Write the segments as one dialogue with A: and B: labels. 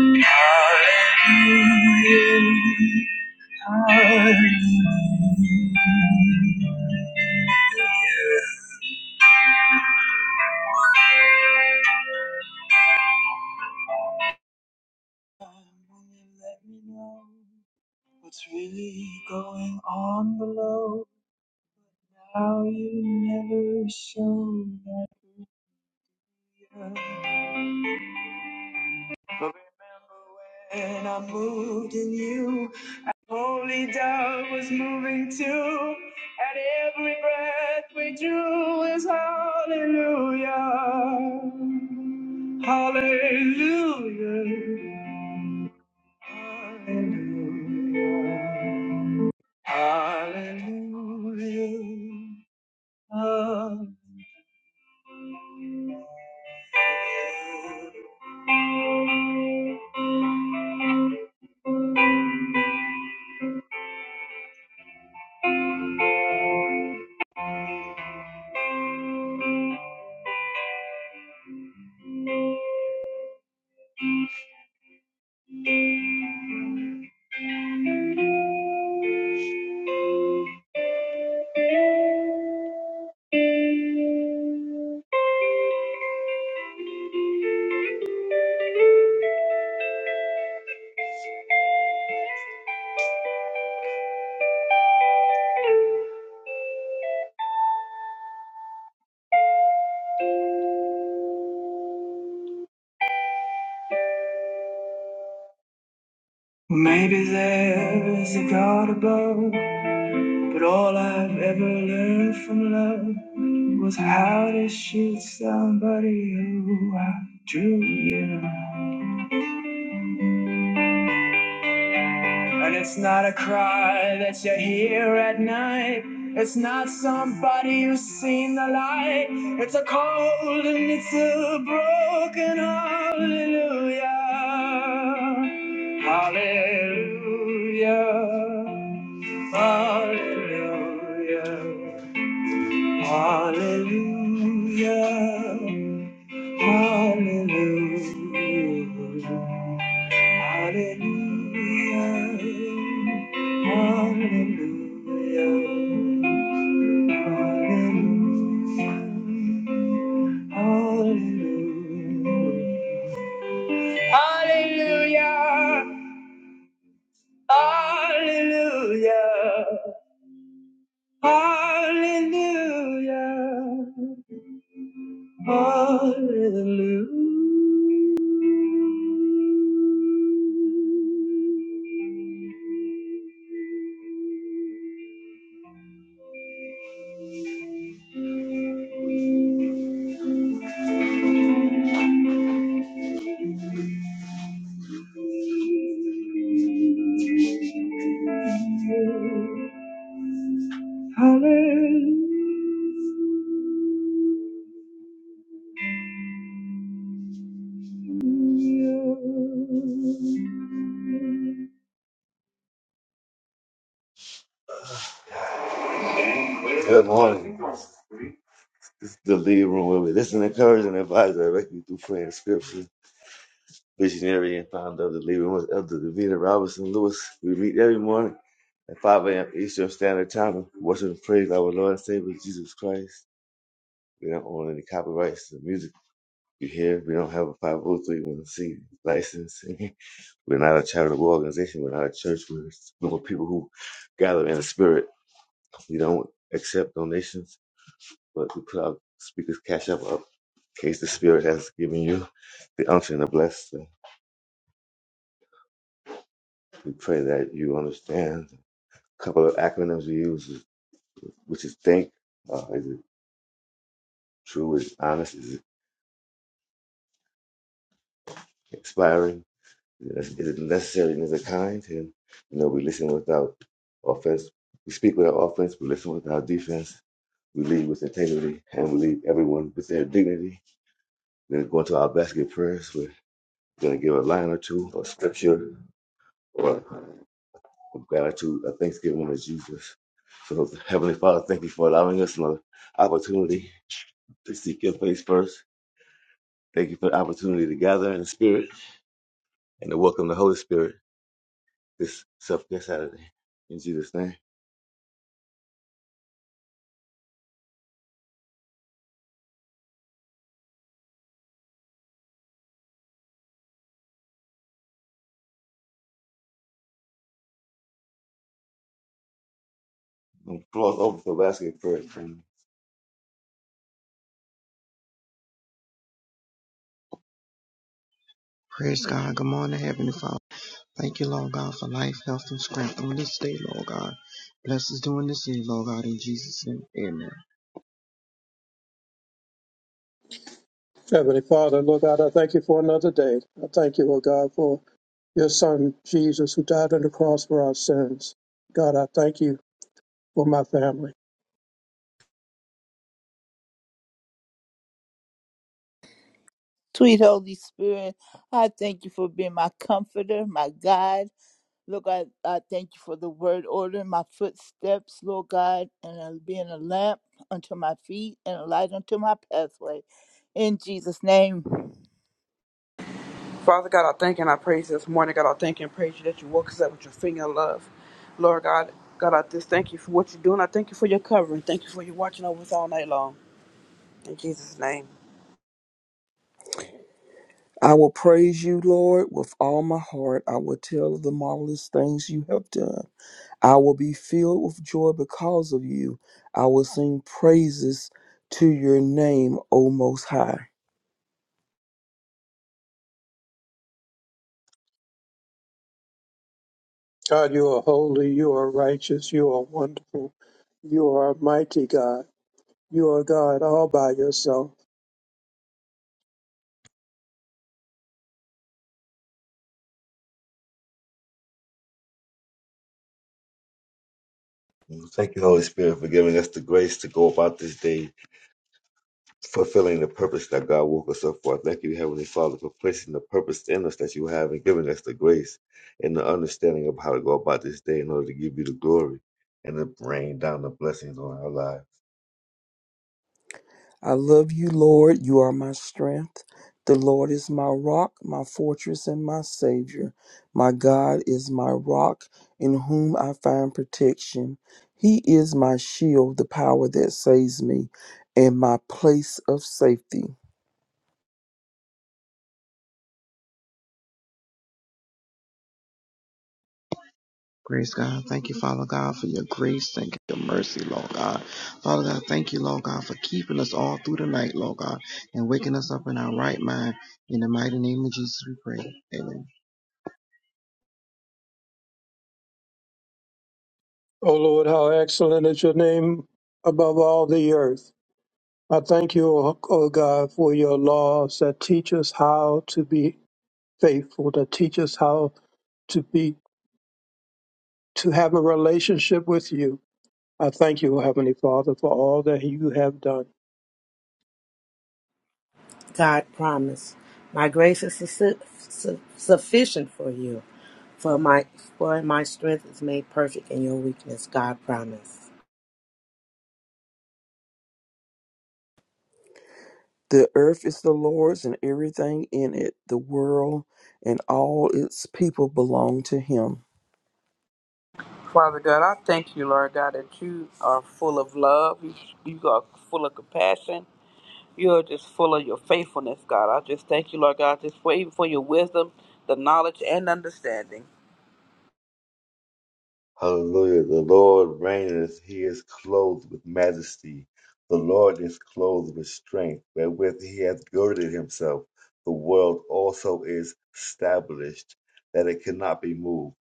A: Let me know what's really going on below. now you never show that. But remember when I moved in you. Holy dove was moving too, and every breath we drew is hallelujah. Hallelujah. Hallelujah. Hallelujah. Hallelujah. Maybe there's a God above. But all I've ever learned from love was how to shoot somebody who I drew you. know. And it's not a cry that you hear at night. It's not somebody who's seen the light. It's a cold and it's a broken hallelujah. Hallelujah. Hallelujah. Hallelujah. Hallelujah. Hallelujah. Hallelujah. Hallelujah. Hallelujah. Hallelujah. Hallelujah. hallelujah, Hallelujah. Hallelujah. Good morning. This is the lead room where we listen, encourage, and advise directly through prayer and scripture. Visionary and founder of the lead room is Elder Davina Robinson Lewis. We meet every morning at 5 a.m. Eastern Standard Time. Worship and praise our Lord and Savior Jesus Christ. We don't own any copyrights to the music you hear. We don't have a 503 license. We're not a charitable organization. We're not a church. We're, we're people who gather in the spirit. We don't accept donations, but we put our speakers' cash up up in case the spirit has given you the unction to bless. So we pray that you understand. A couple of acronyms we use, is- which is think. Uh, is it true? Is it honest? Is it inspiring? Is is it necessary? And is it kind? And you know, we listen without offense. We speak without offense. We listen without defense We lead with integrity and we lead everyone with their dignity. Then go into our basket prayers. We're going to give a line or two or scripture or a gratitude, a thanksgiving to Jesus. So, Heavenly Father, thank you for allowing us another opportunity to seek your face first. Thank you for the opportunity to gather in the Spirit and to welcome the Holy Spirit this self care Saturday. In Jesus' name. And Floor is open for basket prayers. friend.
B: Praise God. Good morning, Heavenly Father. Thank you, Lord God, for life, health, and strength on this day, Lord God. Bless us doing this day, Lord God, in Jesus' name. Amen.
C: Heavenly Father, Lord God, I thank you for another day. I thank you, Lord God, for your Son, Jesus, who died on the cross for our sins. God, I thank you for my family.
D: Sweet Holy Spirit, I thank you for being my comforter, my guide. Lord God, I thank you for the word order, my footsteps, Lord God, and uh, being a lamp unto my feet and a light unto my pathway. In Jesus' name,
E: Father God, I thank and I praise this morning. God, I thank and praise you that you woke us up with your finger of love. Lord God, God, I just thank you for what you're doing. I thank you for your covering. Thank you for your watching over us all night long. In Jesus' name.
F: I will praise you, Lord, with all my heart. I will tell of the marvelous things you have done. I will be filled with joy because of you. I will sing praises to your name, O Most High.
C: God, you are holy, you are righteous, you are wonderful, you are mighty God. You are God all by yourself.
A: Thank you, Holy Spirit, for giving us the grace to go about this day fulfilling the purpose that God woke us up for. I thank you, Heavenly Father, for placing the purpose in us that you have and giving us the grace and the understanding of how to go about this day in order to give you the glory and to rain down the blessings on our lives.
F: I love you, Lord. You are my strength. The Lord is my rock, my fortress, and my Savior. My God is my rock, in whom I find protection. He is my shield, the power that saves me, and my place of safety.
B: Praise God. Thank you, Father God, for your grace. Thank you, your mercy, Lord God. Father God, thank you, Lord God, for keeping us all through the night, Lord God, and waking us up in our right mind. In the mighty name of Jesus, we pray. Amen.
C: O Lord, how excellent is your name above all the earth. I thank you, O O God, for your laws that teach us how to be faithful, that teach us how to be to have a relationship with you. I thank you, Heavenly Father, for all that you have done.
G: God promised, "My grace is su- su- sufficient for you, for my for my strength is made perfect in your weakness." God promised.
F: The earth is the Lord's and everything in it, the world and all its people belong to him.
E: Father God, I thank you, Lord God, that you are full of love. You, you are full of compassion. You are just full of your faithfulness, God. I just thank you, Lord God, just for even for your wisdom, the knowledge, and understanding.
A: Hallelujah. The Lord reigneth. He is clothed with majesty. The Lord is clothed with strength, wherewith he hath girded himself. The world also is established, that it cannot be moved.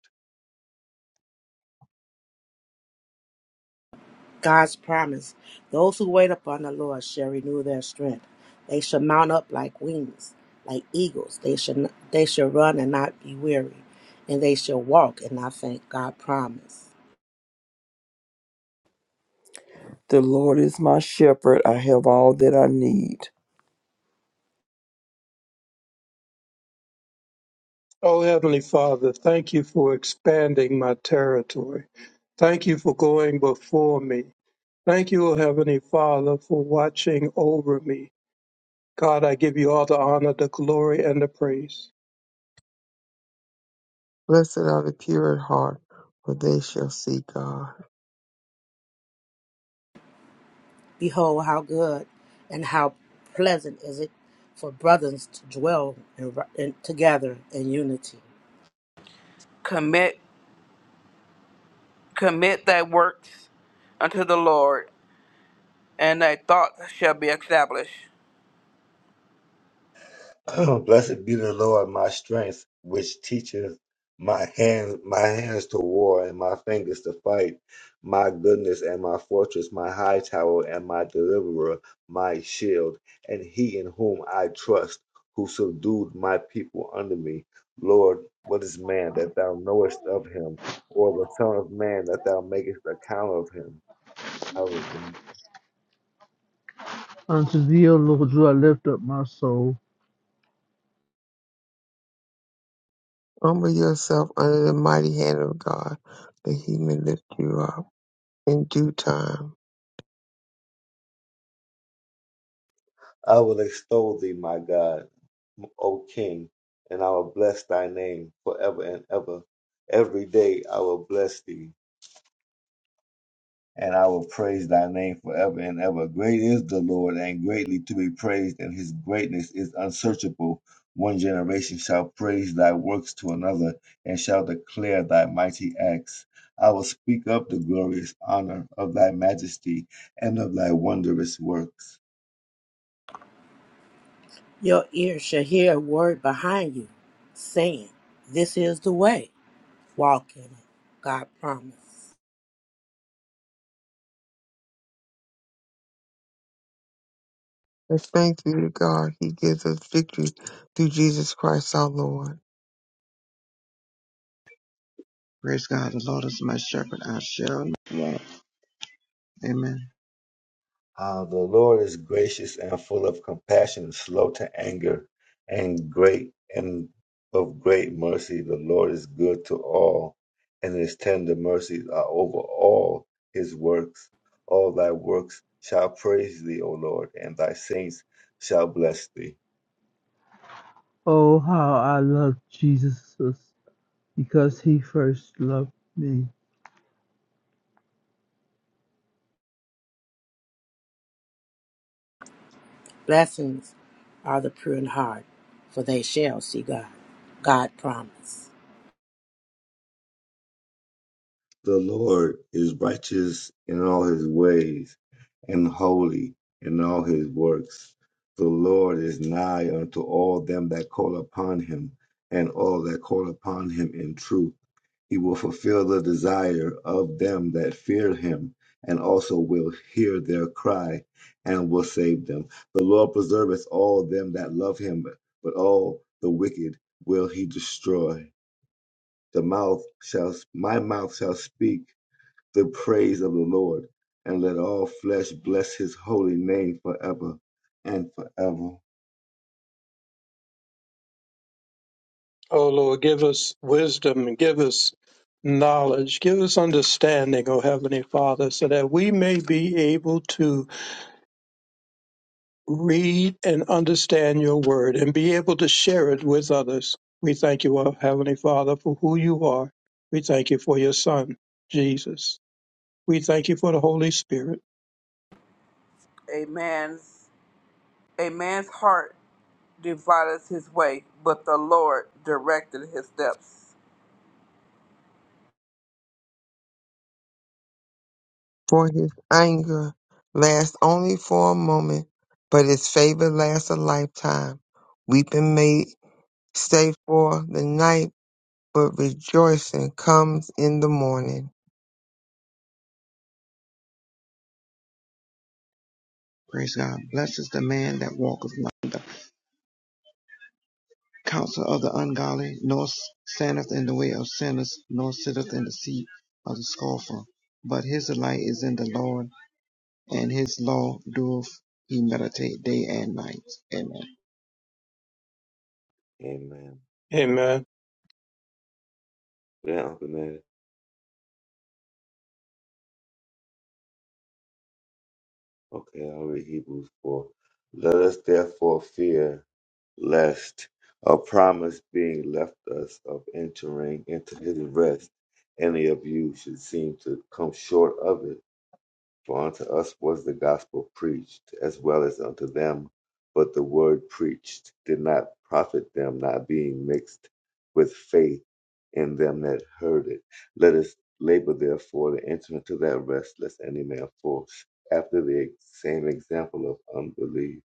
G: God's promise: Those who wait upon the Lord shall renew their strength. They shall mount up like wings, like eagles. They shall they shall run and not be weary, and they shall walk and not faint. God promised.
F: The Lord is my shepherd, I have all that I need.
C: Oh, Heavenly Father, thank you for expanding my territory. Thank you for going before me. Thank you, O Heavenly Father, for watching over me. God, I give you all the honor, the glory, and the praise.
H: Blessed are the pure in heart, for they shall see God.
G: Behold, how good and how pleasant is it for brothers to dwell in, in, together in unity.
E: Commit, commit thy works unto the Lord, and thy thoughts shall be established.
A: Blessed be the Lord, my strength, which teaches my hands my hands to war and my fingers to fight, my goodness and my fortress, my high tower and my deliverer, my shield, and he in whom I trust, who subdued my people under me. Lord, what is man that thou knowest of him, or the son of man that thou makest account of him?
I: Unto thee, O Lord, do I lift up my soul.
H: Humble yourself under the mighty hand of God, that he may lift you up in due time.
A: I will extol thee, my God, O King, and I will bless thy name forever and ever. Every day I will bless thee, and I will praise thy name forever and ever. Great is the Lord, and greatly to be praised, and his greatness is unsearchable. One generation shall praise thy works to another, and shall declare thy mighty acts. I will speak of the glorious honor of thy majesty and of thy wondrous works.
G: Your ear shall hear a word behind you saying, This is the way. Walk in it. God promised.
H: And thanks be to God, he gives us victory through Jesus Christ our Lord.
B: Praise God. The Lord is my shepherd. I shall not want. Amen.
A: Uh, the Lord is gracious and full of compassion, slow to anger, and great and of great mercy. The Lord is good to all, and his tender mercies are over all his works. All thy works shall praise thee, O Lord, and thy saints shall bless thee.
I: Oh, how I love Jesus, because he first loved me.
G: Blessings are the pure in heart, for they shall see God. God promised.
A: The Lord is righteous in all his ways, and holy in all his works. The Lord is nigh unto all them that call upon him, and all that call upon him in truth. He will fulfill the desire of them that fear him, and also will hear their cry, and will save them. The Lord preserveth all them that love him, but all the wicked will he destroy. The mouth shall, my mouth shall speak the praise of the Lord, and let all flesh bless his holy name forever and forever.
C: Oh, Lord, give us wisdom and give us knowledge. Give us understanding, O Heavenly Father, so that we may be able to read and understand your word and be able to share it with others. We thank you, our Heavenly Father, for who you are. We thank you for your Son, Jesus. We thank you for the Holy Spirit.
E: A man's a man's heart divideth his way, but the Lord directed his steps.
H: For his anger lasts only for a moment, but his favor lasts a lifetime. Weeping may stay for the night, but rejoicing comes in the morning.
B: Praise God. Blesses the man that walketh not. counsel of the ungodly, nor standeth in the way of sinners, nor sitteth in the seat of the scoffer. But his delight is in the Lord, and his law doeth he meditate day and night. Amen.
A: Amen.
C: Amen.
A: Yeah, Uncle Okay, I'll read Hebrews 4. Let us therefore fear lest a promise being left us of entering into his rest, any of you should seem to come short of it. For unto us was the gospel preached, as well as unto them. But the word preached did not profit them, not being mixed with faith in them that heard it. Let us labor therefore to enter into that rest, lest any man fall after the same example of unbelief.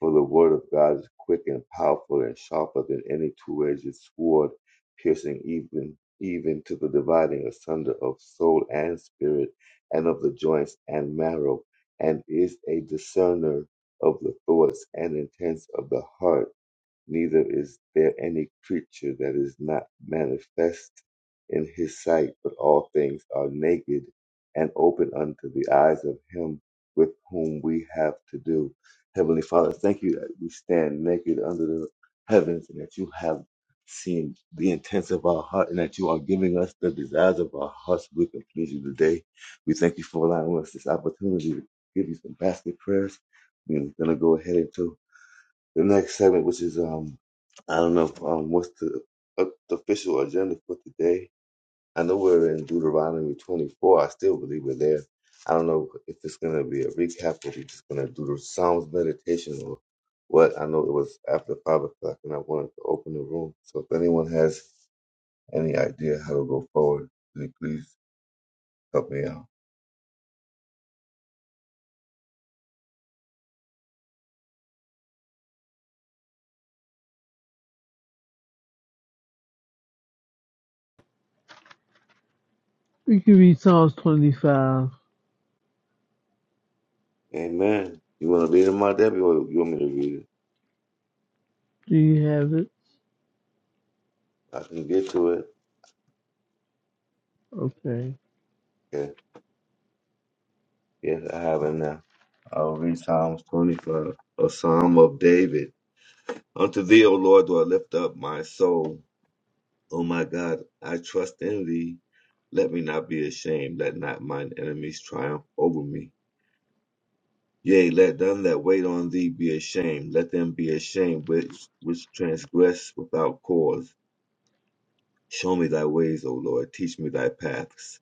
A: For the word of God is quick and powerful and sharper than any two-edged sword, piercing even even to the dividing asunder of soul and spirit, and of the joints and marrow, and is a discerner of the thoughts and intents of the heart neither is there any creature that is not manifest in his sight, but all things are naked and open unto the eyes of him with whom we have to do. Heavenly Father, thank you that we stand naked under the heavens and that you have seen the intents of our heart and that you are giving us the desires of our hearts. We can please you today. We thank you for allowing us this opportunity to give you some basket prayers. We're going to go ahead into the next segment, which is um, I don't know um, what's the, uh, the official agenda for today. I know we're in Deuteronomy 24. I still believe we're there. I don't know if it's gonna be a recap or we're just gonna do the Psalms meditation or what. I know it was after five o'clock and I wanted to open the room. So if anyone has any idea how to go forward, then please help me out.
I: We can read Psalms 25.
A: Amen. You wanna read it, my Debbie, or you want me to read it?
I: Do you have it?
A: I can get to
I: Okay.
A: it. Yes, I have it now. I'll read Psalms 25, a psalm of David. Unto thee, O Lord, do I lift up my soul. O my God, I trust in thee. Let me not be ashamed. Let not mine enemies triumph over me. Yea, let them that wait on thee be ashamed. Let them be ashamed which, which transgress without cause. Show me thy ways, O Lord. Teach me thy paths.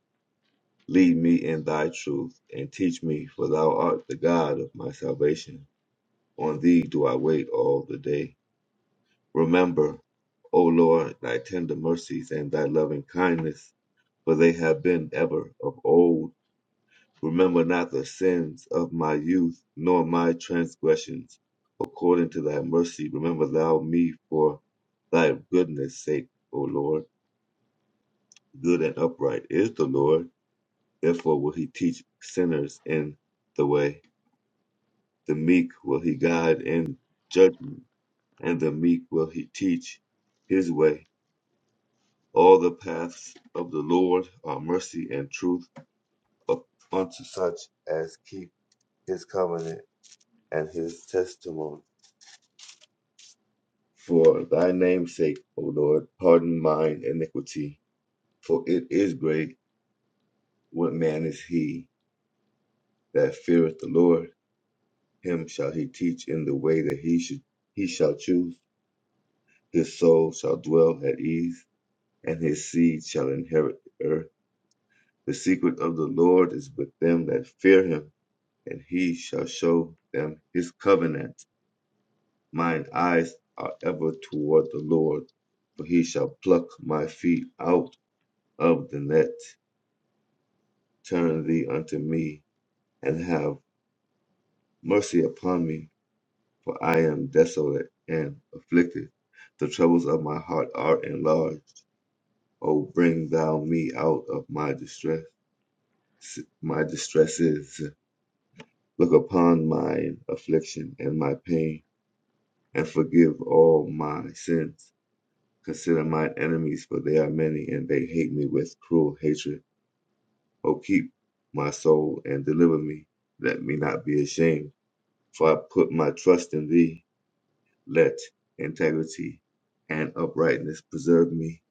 A: Lead me in thy truth, and teach me, for thou art the God of my salvation. On thee do I wait all the day. Remember, O Lord, thy tender mercies and thy loving kindness, for they have been ever of old. Remember not the sins of my youth, nor my transgressions. According to thy mercy, remember thou me for thy goodness' sake, O Lord. Good and upright is the Lord, therefore will he teach sinners in the way. The meek will he guide in judgment and the meek will he teach his way. All the paths of the Lord are mercy and truth unto such as keep his covenant and his testimony. For thy name's sake, O Lord, pardon mine iniquity, for it is great. What man is he that feareth the Lord? Him shall he teach in the way that he should he shall choose. His soul shall dwell at ease, and his seed shall inherit the earth. The secret of the Lord is with them that fear him, and he shall show them his covenant. Mine eyes are ever toward the Lord, for he shall pluck my feet out of the net. Turn thee unto me, and have mercy upon me, for I am desolate and afflicted. The troubles of my heart are enlarged. O bring thou me out of my distress, my distresses. Look upon my affliction and my pain, and forgive all my sins. Consider my enemies, for they are many, and they hate me with cruel hatred. O keep my soul and deliver me. Let me not be ashamed, for I put my trust in thee. Let integrity and uprightness preserve me,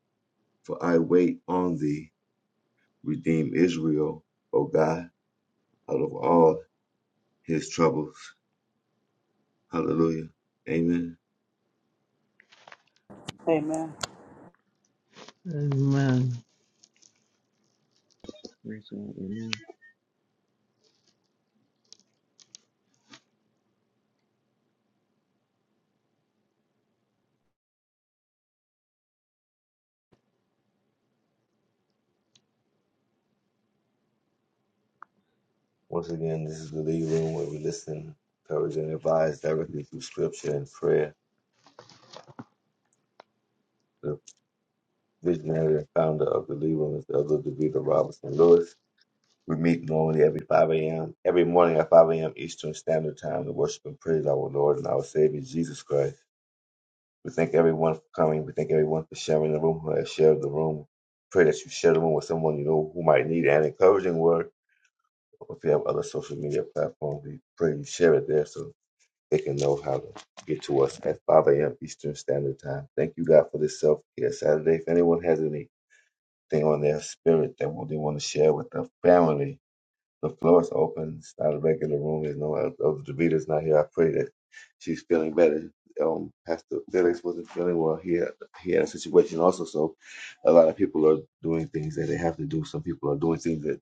A: for I wait on thee. Redeem Israel, O God, out of all his troubles. Hallelujah. Amen.
E: Amen.
I: Amen.
B: Praise God. Amen.
A: Once again, this is the Lead Room where we listen, encourage, and advise directly through scripture and prayer. The visionary and founder of the Lead Room is Elder DeVita Robinson Lewis. We meet normally every 5 a.m., every morning at 5 a.m. Eastern Standard Time to worship and praise our Lord and our Savior Jesus Christ. We thank everyone for coming. We thank everyone for sharing the room, who has shared the room. Pray that you share the room with someone you know who might need an encouraging word. if you have other social media platforms, we pray you share it there so they can know how to get to us at 5 a.m. Eastern Standard Time. Thank you, God, for this self care Saturday. If anyone has anything on their spirit that they want to share with the family, the floor is open. It's not a regular room. There's no other Davita's not here. I pray that she's feeling better. Um, Pastor Felix wasn't feeling well here. He had a situation also, so a lot of people are doing things that they have to do. Some people are doing things that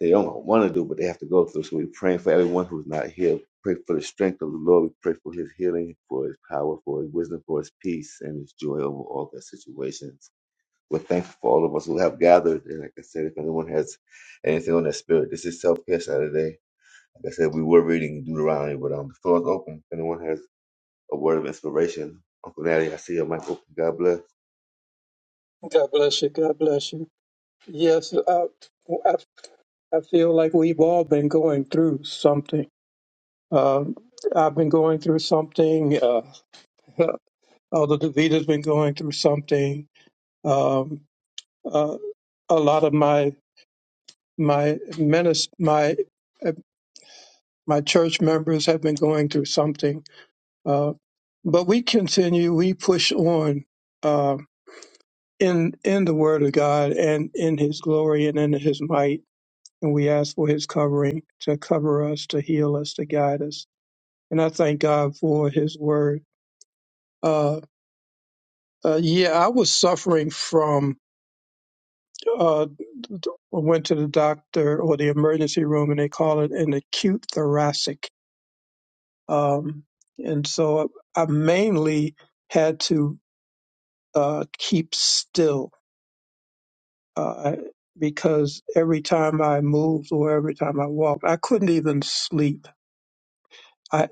A: they don't want to do, but they have to go through. So we pray for everyone who's not here. Pray for the strength of the Lord. We pray for his healing, for his power, for his wisdom, for his peace, and his joy over all their situations. We're thankful for all of us who have gathered. And like I said, if anyone has anything on their spirit, this is Self Care Saturday. Like I said, we were reading Deuteronomy, but um, the floor is open. If anyone has a word of inspiration, Uncle Natty, I see your mic open. God bless. I
C: God bless you. God bless you. Yes, I, I, I feel like we've all been going through something. Um I've been going through something. Uh, Elder Davita's been going through something. Um, uh, a lot of my my menace, my uh, my church members have been going through something, uh, but we continue. We push on uh, in in the Word of God and in His glory and in His might, and we ask for His covering to cover us, to heal us, to guide us. And I thank God for His Word. Uh, uh, yeah, I was suffering from. Uh, I went to the doctor or the emergency room, and they call it an acute thoracic Um, and so I mainly had to uh, keep still uh, because every time I moved or every time I walked, I couldn't even sleep. I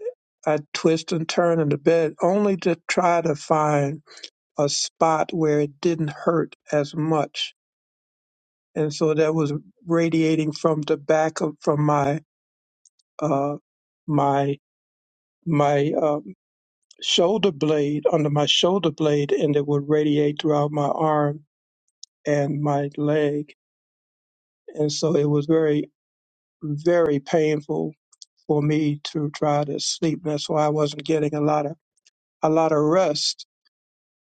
C: I twist and turn in the bed only to try to find a spot where it didn't hurt as much. And so that was radiating from the back of from my uh, my my uh, shoulder blade under my shoulder blade and it would radiate throughout my arm and my leg. And so it was very, very painful for me to try to sleep. That's why I wasn't getting a lot of a lot of rest.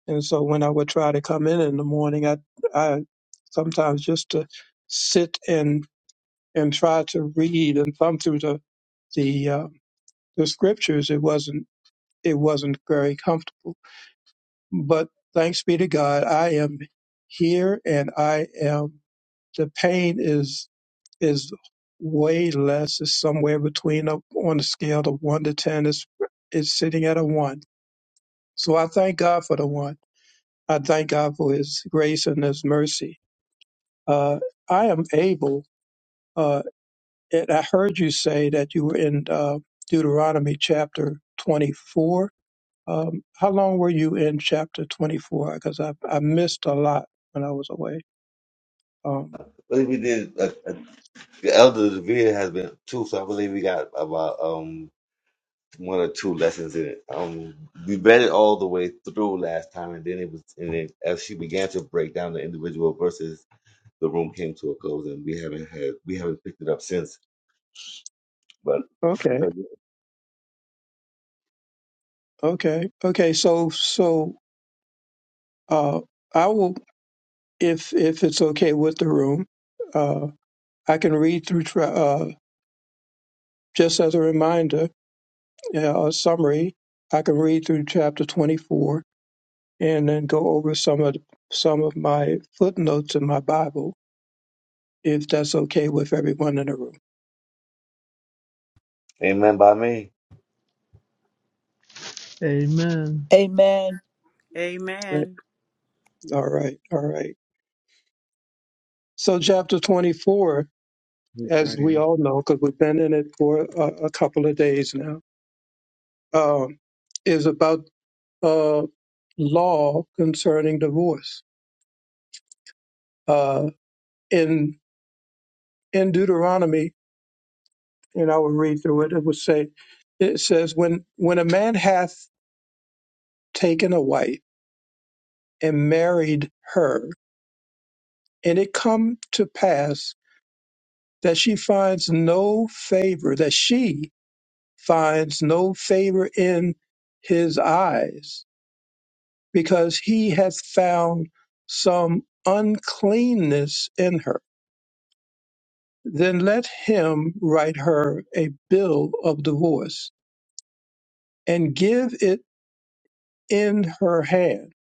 C: And so when I would try to come in in the morning, I I sometimes just to sit and and try to read and thumb through the the uh, the scriptures. It wasn't it wasn't very comfortable. But thanks be to God, I am here and I am the pain is is way less. It's somewhere between a, on a scale of one to ten is is sitting at a one. So I thank God for the one. I thank God for his grace and his mercy. Uh, I am able uh, and I heard you say that you were in uh, Deuteronomy chapter 24. Um, how long were you in chapter 24? Because I, I missed a lot when I was away. Um,
A: believe we did, uh, the Elder Devere has been too, so I believe we got about um. one or two lessons in it. Um, we read it all the way through last time, and then it was, and then as she began to break down the individual verses, the room came to a close, and we haven't had, we haven't picked it up since. But
C: okay, okay, okay. So, so uh, I will, if if it's okay with the room, uh, I can read through tra- uh, just as a reminder, uh, a summary. I can read through chapter twenty four and then go over some of some of my footnotes in my Bible, if that's okay with everyone in the room.
A: amen by me.
I: Amen.
D: amen.
C: Eh,
J: Amen.
C: All right, all right. So, chapter twenty four,
B: Praise
C: as
B: God.
C: we
B: Amen.
C: all know, because we've been in it for a, a couple of days now uh, is about uh, law concerning divorce. Uh, in in Deuteronomy, and I will read through it. It would say, it says, when when a man hath taken a wife and married her, and it come to pass that she finds no favor, that she finds no favor in his eyes, because he hath found some uncleanness in her Then let him write her a bill of divorce, and give it in her hand,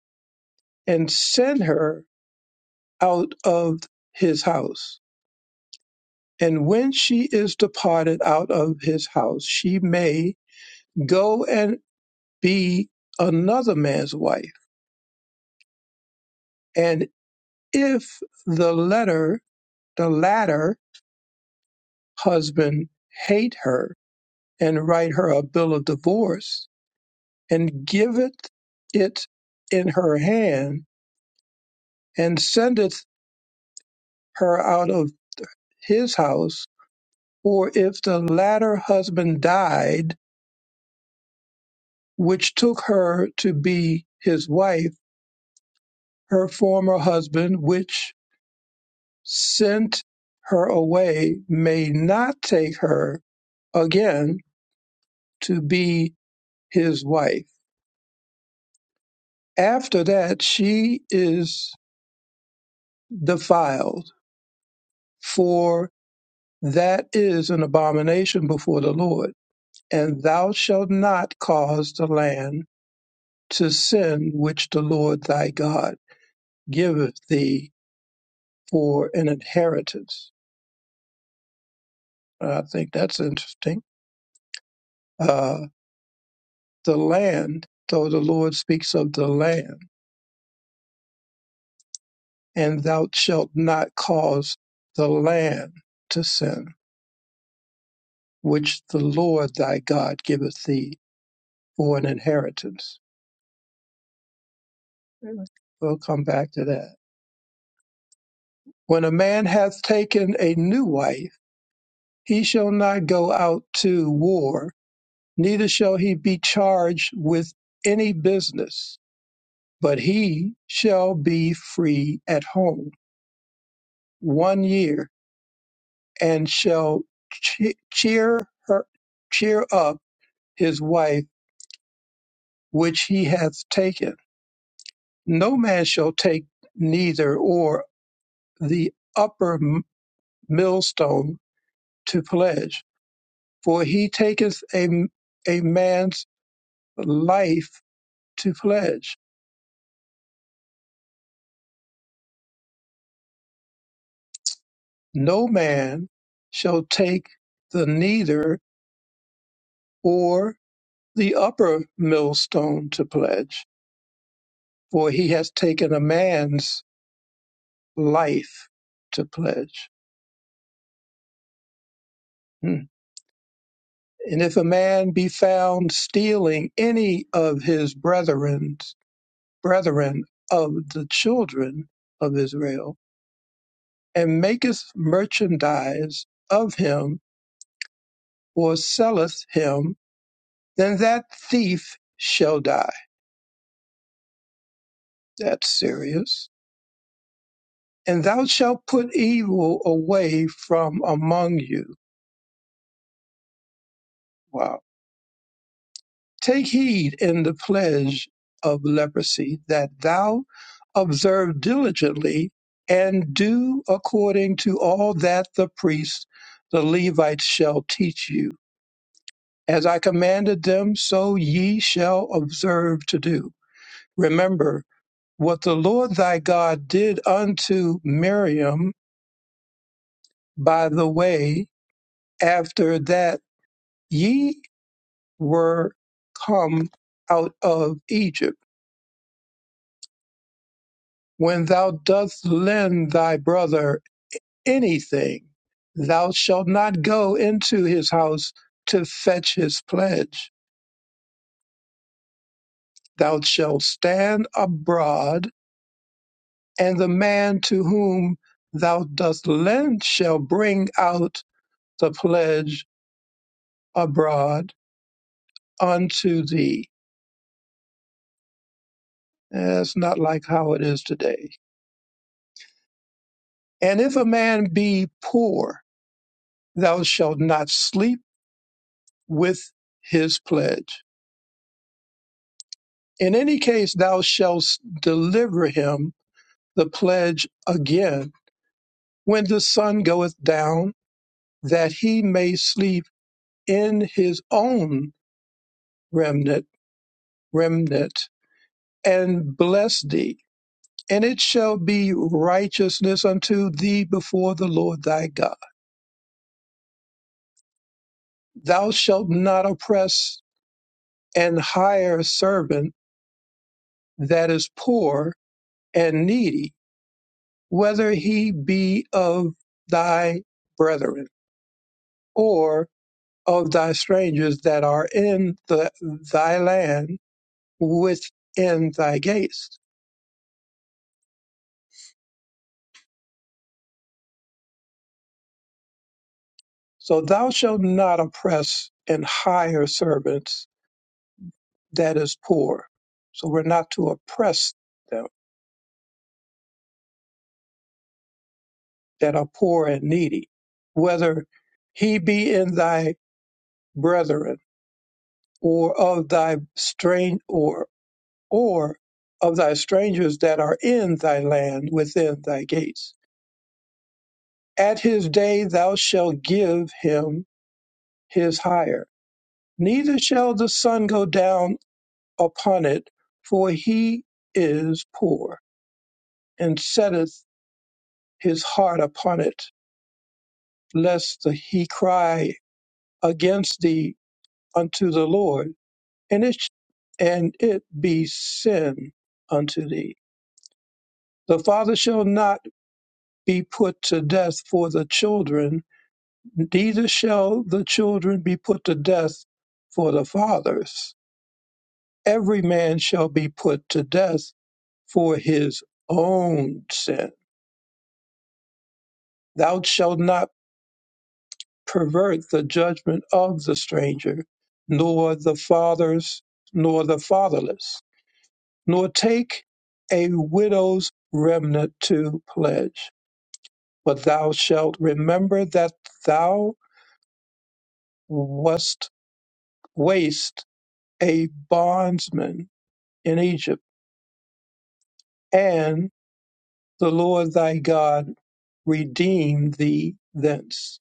C: and send her out of his house. And when she is departed out of his house, she may go and be another man's wife. And if the letter, the latter husband hate her, and write her a bill of divorce, and give it, it in her hand, and sendeth her out of his house, or if the latter husband died, which took her to be his wife, her former husband, which sent her away, may not take her again to be his wife. After that, she is defiled, for that is an abomination before the Lord, and thou shalt not cause the land to sin which the Lord thy God giveth thee for an inheritance. I think that's interesting. Uh, the land, though the Lord speaks of the land, and thou shalt not cause the land to sin, which the Lord thy God giveth thee for an inheritance. We'll come back to that. When a man hath taken a new wife, he shall not go out to war neither shall he be charged with any business, but he shall be free at home one year, and shall che- cheer her, cheer up his wife which he hath taken. No man shall take neither or the upper m- millstone to pledge, for he taketh a, a man's life to pledge no man shall take the neither or the upper millstone to pledge, for he has taken a man's life to pledge. Hmm. And if a man be found stealing any of his brethren's brethren of the children of Israel, and maketh merchandise of him, or selleth him, then that thief shall die. That's serious and thou shalt put evil away from among you. Wow. Take heed in the pledge of leprosy that thou observe diligently and do according to all that the priests, the Levites, shall teach you. As I commanded them, so ye shall observe to do. Remember what the Lord thy God did unto Miriam by the way after that. ye. were come out of Egypt. When thou dost lend thy brother anything, thou shalt not go into his house to fetch his pledge. Thou shalt stand abroad, and the man to whom thou dost lend shall bring out the pledge abroad unto thee. That's not like how it is today. And if a man be poor, thou shalt not sleep with his pledge. In any case, thou shalt deliver him the pledge again when the sun goeth down, that he may sleep in his own remnant, remnant, and bless thee. And it shall be righteousness unto thee before the Lord thy God. Thou shalt not oppress an hire servant that is poor and needy whether he be of thy brethren or of thy strangers that are in the, thy land within thy gates. So thou shalt not oppress and hire servants that is poor. So we're not to oppress them that are poor and needy, whether he be in thy brethren or of thy strange or or of thy strangers that are in thy land within thy gates. At his day thou shalt give him his hire, neither shall the sun go down upon it, for he is poor, and setteth his heart upon it, lest he cry against thee unto the Lord, and it, and it be sin unto thee. The father shall not be put to death for the children, neither shall the children be put to death for the fathers. Every man shall be put to death for his own sin. Thou shalt not pervert the judgment of the stranger, nor the fathers, nor the fatherless, nor take a widow's remnant to pledge. But thou shalt remember that thou wast waste a bondsman in Egypt and the Lord thy God redeem thee thence.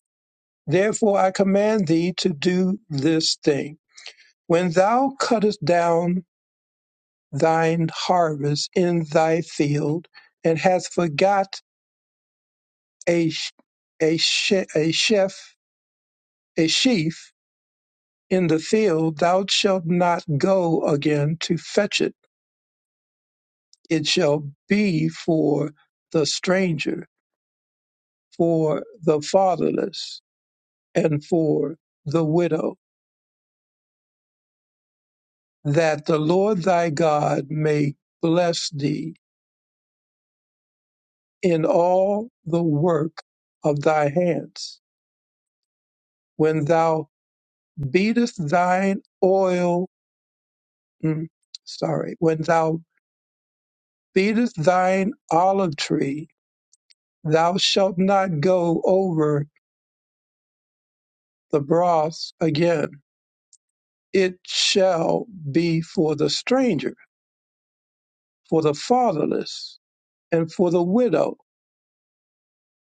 C: Therefore I command thee to do this thing. When thou cuttest down thine harvest in thy field, and hast forgot a, sh- a, she- a, chef, a sheaf in the field, thou shalt not go again to fetch it. It shall be for the stranger, for the fatherless and for the widow, that the Lord thy God may bless thee in all the work of thy hands. When thou beatest thine oil, mm, sorry, when thou beatest thine olive tree, thou shalt not go over the broth again. It shall be for the stranger, for the fatherless, and for the widow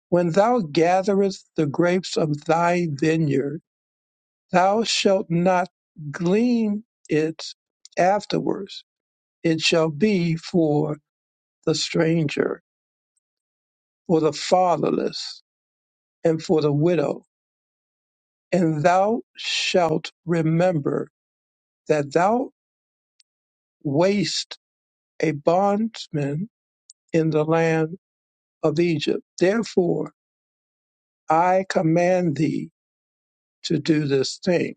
C: When thou gatherest the grapes of thy vineyard, thou shalt not glean it afterwards. It shall be for the stranger, for the fatherless, and for the widow. And thou shalt remember that thou wast a bondsman in the land of Egypt. Therefore, I command thee to do this thing.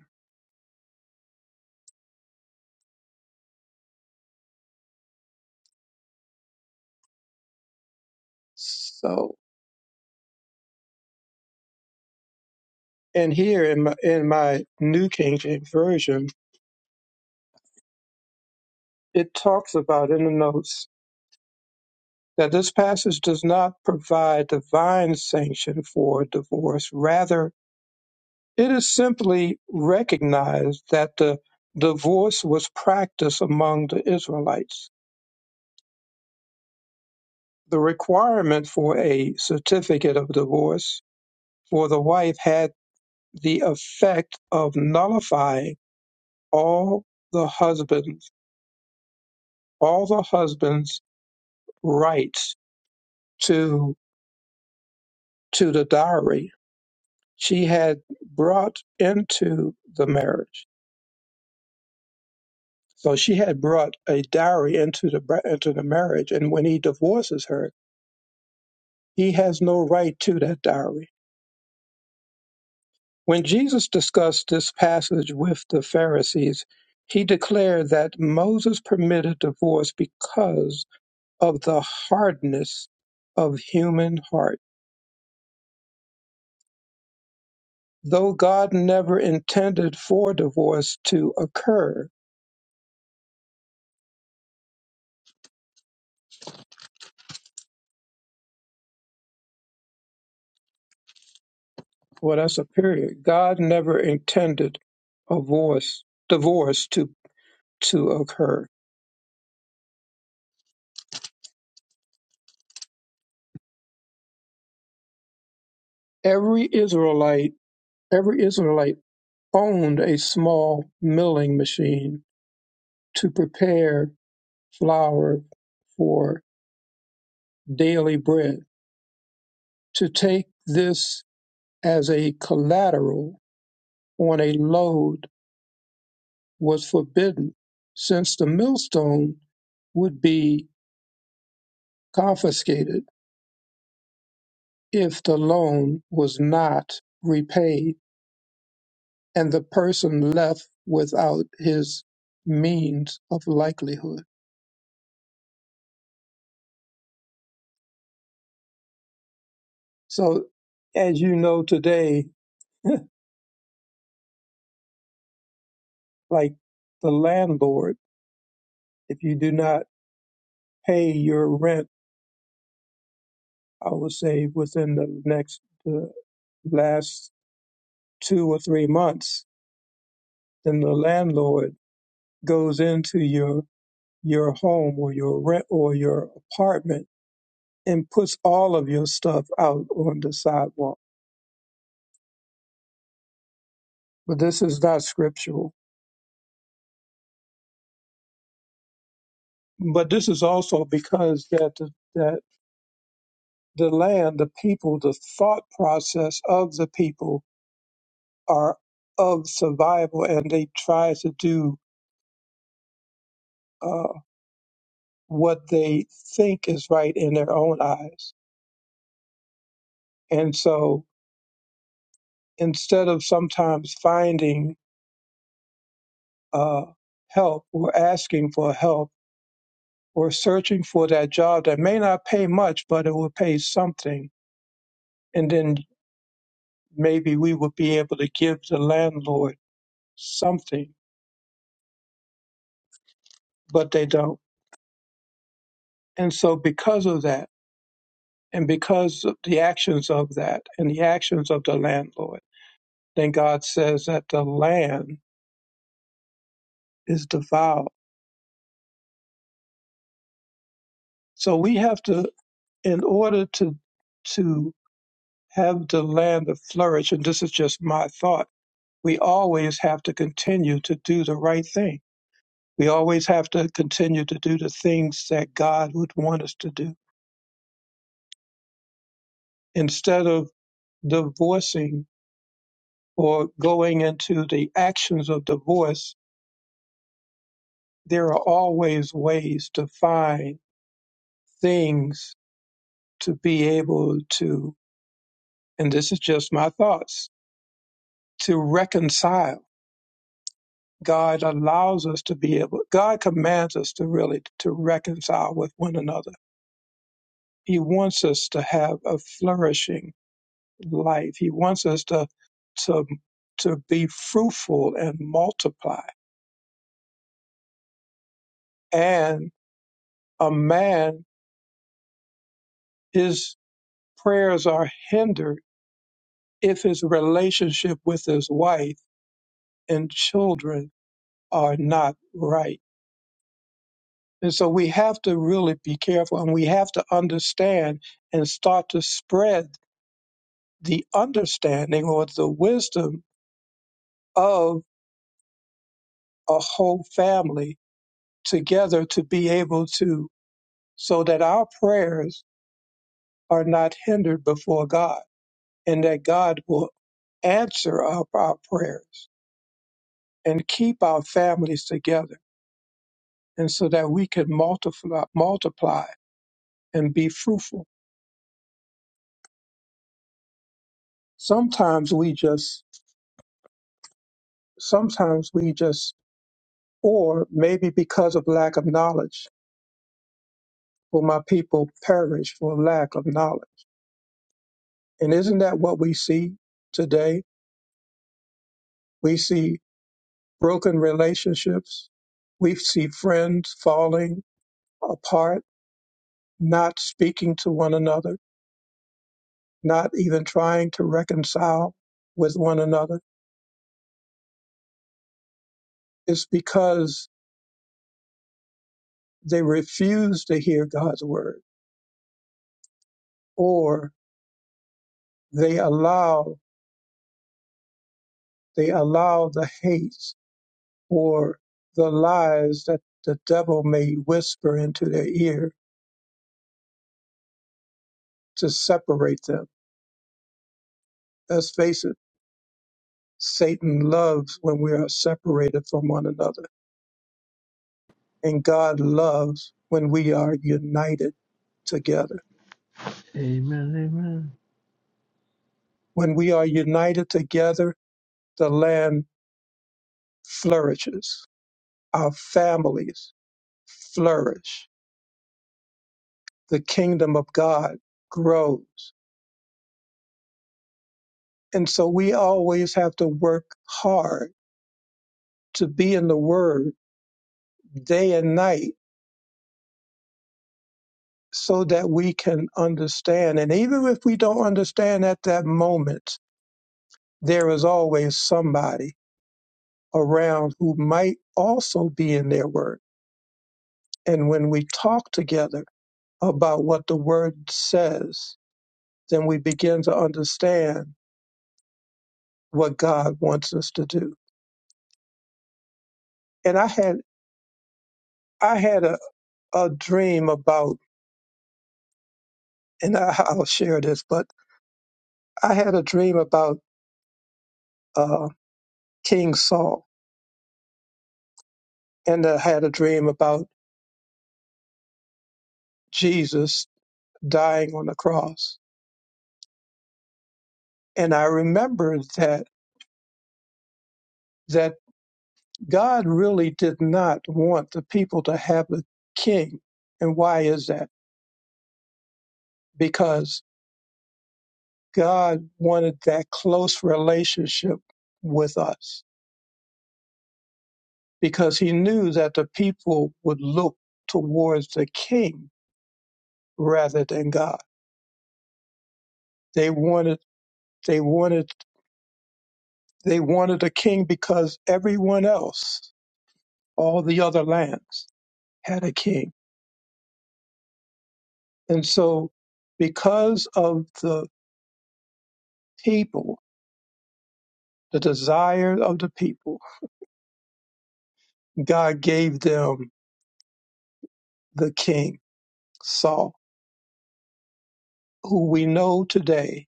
C: So. And here in my, in my New King James Version, it talks about in the notes that this passage does not provide divine sanction for divorce. Rather, it is simply recognized that the divorce was practiced among the Israelites. The requirement for a certificate of divorce for the wife had the effect of nullifying all the husband's all the husband's rights to to the dowry she had brought into the marriage. So she had brought a dowry into the br- into the marriage, and when he divorces her, he has no right to that dowry. When Jesus discussed this passage with the Pharisees, he declared that Moses permitted divorce because of the hardness of human heart. Though God never intended for divorce to occur, Well, that's a period. God never intended a voice, divorce to, to occur. Every Israelite, every Israelite owned a small milling machine to prepare flour for daily bread. To take this as a collateral on a load was forbidden, since the millstone would be confiscated if the loan was not repaid and the person left without his means of likelihood. So, as you know today, like the landlord, if you do not pay your rent, I would say within the next the last two or three months, then the landlord goes into your your home or your rent or your apartment and puts all of your stuff out on the sidewalk. But this is not scriptural but this is also because that the, that the land, the people, the thought process of the people are of survival, and they try to do uh, what they think is right in their own eyes. And so, instead of sometimes finding uh, help or asking for help or searching for that job that may not pay much, but it will pay something, and then maybe we would be able to give the landlord something but they don't. And so, because of that, and because of the actions of that, and the actions of the landlord, then God says that the land is defiled. So we have to, in order to to have the land to flourish, and this is just my thought, we always have to continue to do the right thing. We always have to continue to do the things that God would want us to do instead of divorcing or going into the actions of divorce there are always ways to find things to be able to, and this is just my thoughts, to reconcile. God allows us to be able, God commands us to really to reconcile with one another. He wants us to have a flourishing life. He wants us to, to, to be fruitful and multiply. And a man, his prayers are hindered if his relationship with his wife and children are not right. And so we have to really be careful and we have to understand and start to spread the understanding or the wisdom of a whole family together to be able to, so that our prayers are not hindered before God and that God will answer up our prayers and keep our families together and so that we can multiply, multiply and be fruitful. sometimes we just sometimes we just or maybe because of lack of knowledge will my people perish for lack of knowledge and isn't that what we see today we see broken relationships we see friends falling apart not speaking to one another not even trying to reconcile with one another it's because they refuse to hear god's word or they allow They allow the hates or the lies that the devil may whisper into their ear to separate them. Let's face it, Satan loves when we are separated from one another, and God loves when we are united together.
I: Amen. Amen.
C: When we are united together, the land flourishes, our families flourish, the kingdom of God grows. And so we always have to work hard to be in the Word day and night so that we can understand. And even if we don't understand at that moment, there is always somebody around who might also be in their Word. And when we talk together about what the Word says, then we begin to understand what God wants us to do. And I had I had a, a dream about, and I, I'll share this, but I had a dream about uh, King Saul and I had a dream about Jesus dying on the cross. And I remembered that that God really did not want the people to have a king. And why is that? Because God wanted that close relationship with us because he knew that the people would look towards the king rather than God. They wanted they wanted they wanted a king because everyone else, all the other lands had a king. And so, because of the people, the desire of the people, God gave them the king, Saul, who we know today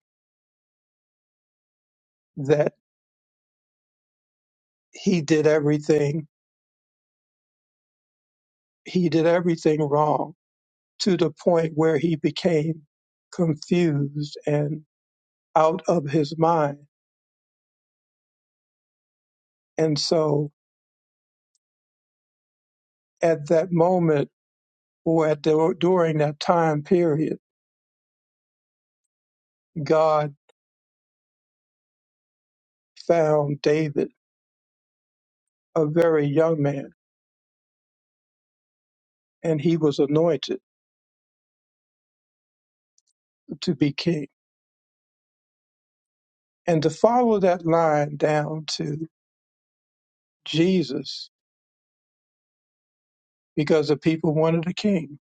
C: that he did everything, he did everything wrong to the point where he became confused and out of his mind. And so, at that moment, or at the, during that time period, God found David, a very young man and he was anointed to be king. And to follow that line down to Jesus, because the people wanted a king,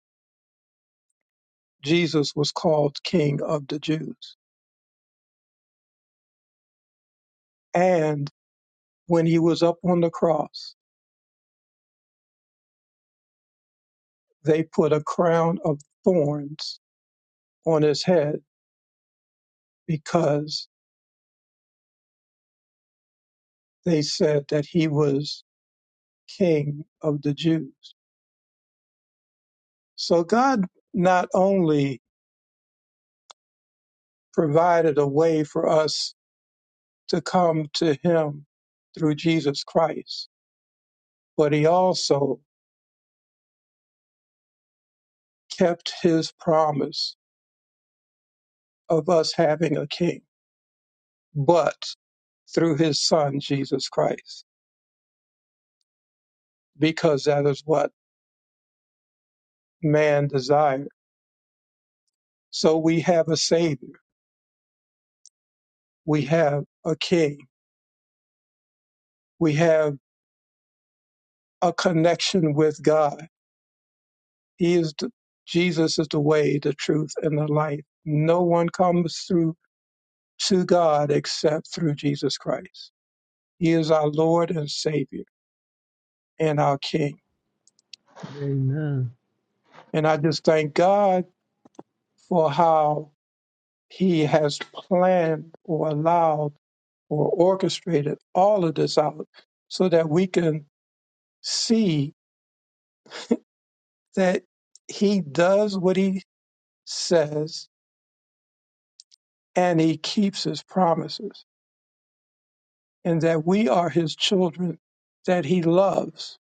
C: Jesus was called King of the Jews. And when he was up on the cross, they put a crown of thorns on his head because they said that he was King of the Jews. So God not only provided a way for us to come to him through Jesus Christ, but he also kept his promise of us having a king, but through his son, Jesus Christ, because that is what man desired. So we have a savior, we have a king, we have a connection with God. He is the, Jesus is the way, the truth, and the life. No one comes through to God except through Jesus Christ. He is our Lord and Savior and our King.
I: Amen.
C: And I just thank God for how he has planned or allowed or orchestrated all of this out so that we can see that he does what he says and he keeps his promises and that we are his children that he loves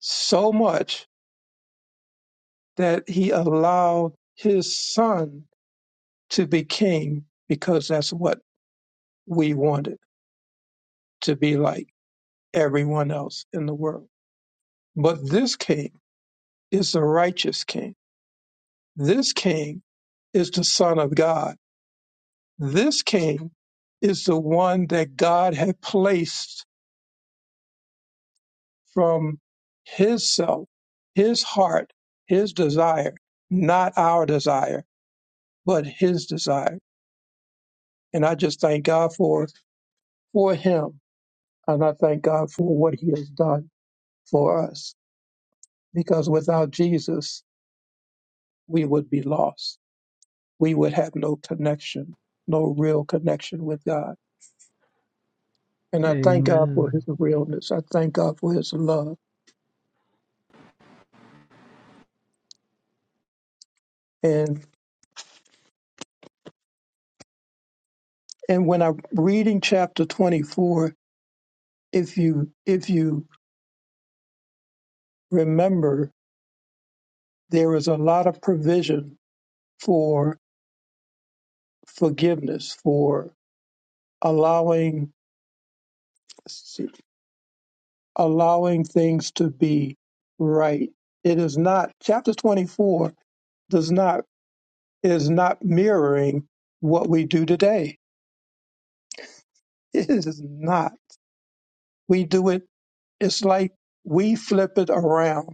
C: so much that he allowed his son to be king because that's what we wanted to be like everyone else in the world but this king is the righteous king. This king is the son of God. This king is the one that God had placed from his self, his heart, his desire, not our desire, but his desire. And I just thank God for, for him. And I thank God for what he has done for us. Because without Jesus, we would be lost. We would have no connection, no real connection with God. And
I: Amen.
C: I thank God for
I: Amen.
C: his realness. I thank God for his love. And and when I'm reading chapter 24, if you if you remember, there is a lot of provision for forgiveness, for allowing allowing things to be right. It is not chapter 24 does not is not mirroring what we do today. It is not. We do it It's like we flip it around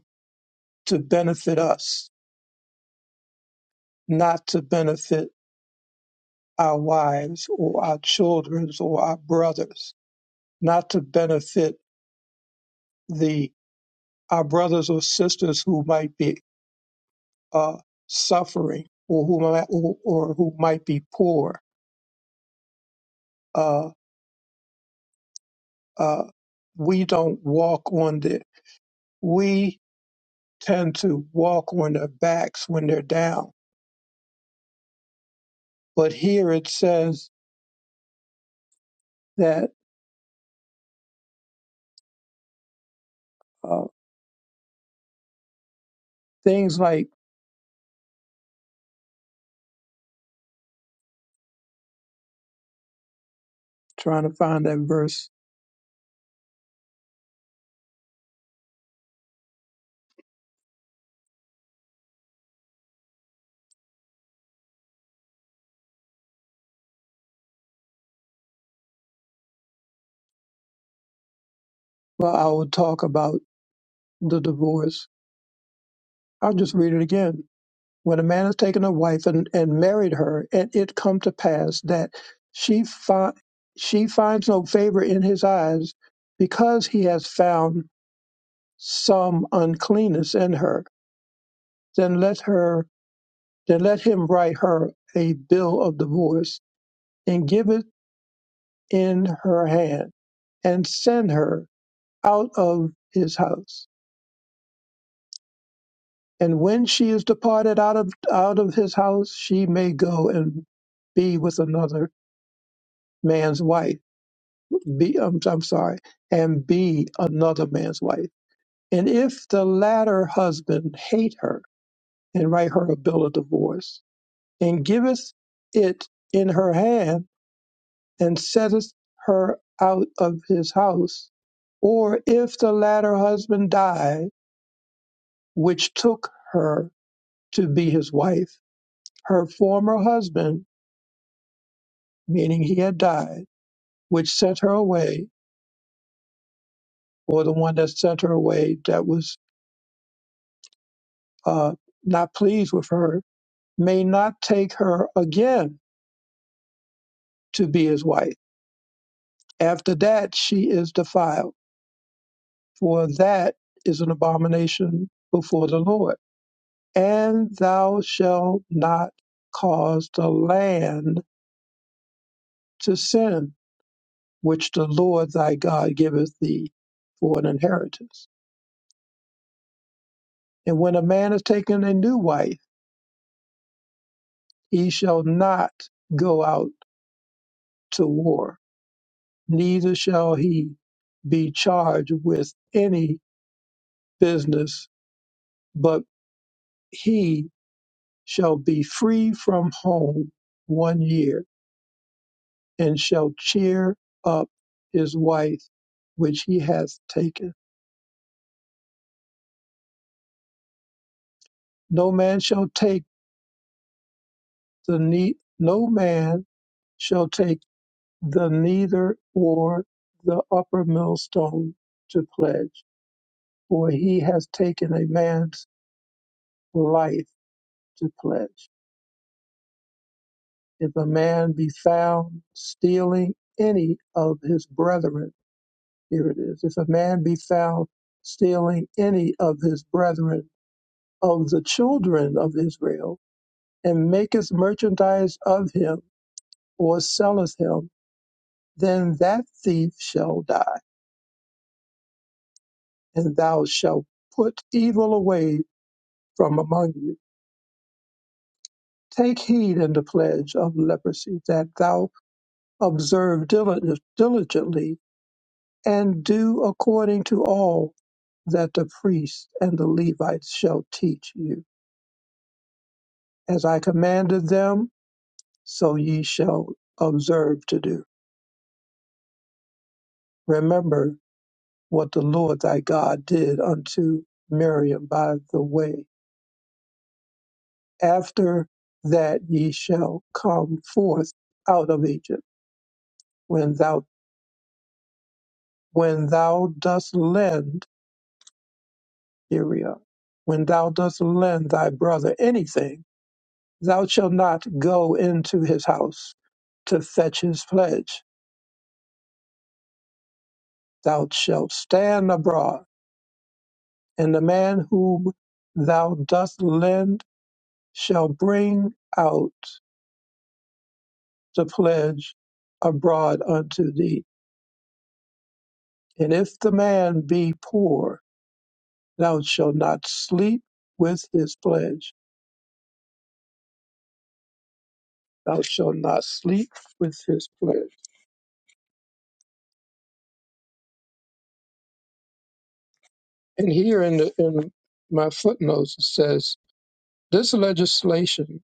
C: to benefit us, not to benefit our wives or our children or our brothers, not to benefit the our brothers or sisters who might be uh, suffering or who might, or, or who might be poor. Uh, uh, we don't walk on the we tend to walk on their backs when they're down. But here it says that uh, things like trying to find that verse where I will talk about the divorce. I'll just read it again. When a man has taken a wife and, and married her, and it come to pass that she fi- she finds no favor in his eyes because he has found some uncleanness in her, then let her then let him write her a bill of divorce and give it in her hand and send her out of his house And when she is departed out of out of his house, she may go and be with another man's wife. Be I'm, I'm sorry, and be another man's wife. And if the latter husband hate her and write her a bill of divorce, and giveth it in her hand, and setteth her out of his house, or if the latter husband die, which took her to be his wife, her former husband meaning he had died, which sent her away, or the one that sent her away that was uh, not pleased with her, may not take her again to be his wife. After that, she is defiled, for that is an abomination before the Lord. And thou shalt not cause the land to sin, which the Lord thy God giveth thee for an inheritance. And when a man is taken a new wife, He shall not go out to war, neither shall he be charged with any business, but he shall be free from home one year, and shall cheer up his wife which he hath taken. No man shall take the ne- no man shall take the neither or the upper millstone to pledge, for he has taken a man's life to pledge. If a man be found stealing any of his brethren, here it is. If a man be found stealing any of his brethren of the children of Israel, and maketh merchandise of him, or selleth him, then that thief shall die, and thou shalt put evil away from among you. Take heed in the pledge of leprosy, that thou observe dili- diligently and do according to all that the priests and the Levites shall teach you. As I commanded them, so ye shall observe to do. Remember what the Lord thy God did unto Miriam by the way. After that ye shall come forth out of Egypt, when thou when thou dost lend Uriah, when thou dost lend thy brother anything, thou shalt not go into his house to fetch his pledge. Thou shalt stand abroad, and the man whom thou dost lend shall bring out the pledge abroad unto thee. And if the man be poor, thou shalt not sleep with his pledge. Thou shalt not sleep with his pledge. And here in, the, in my footnotes it says, this legislation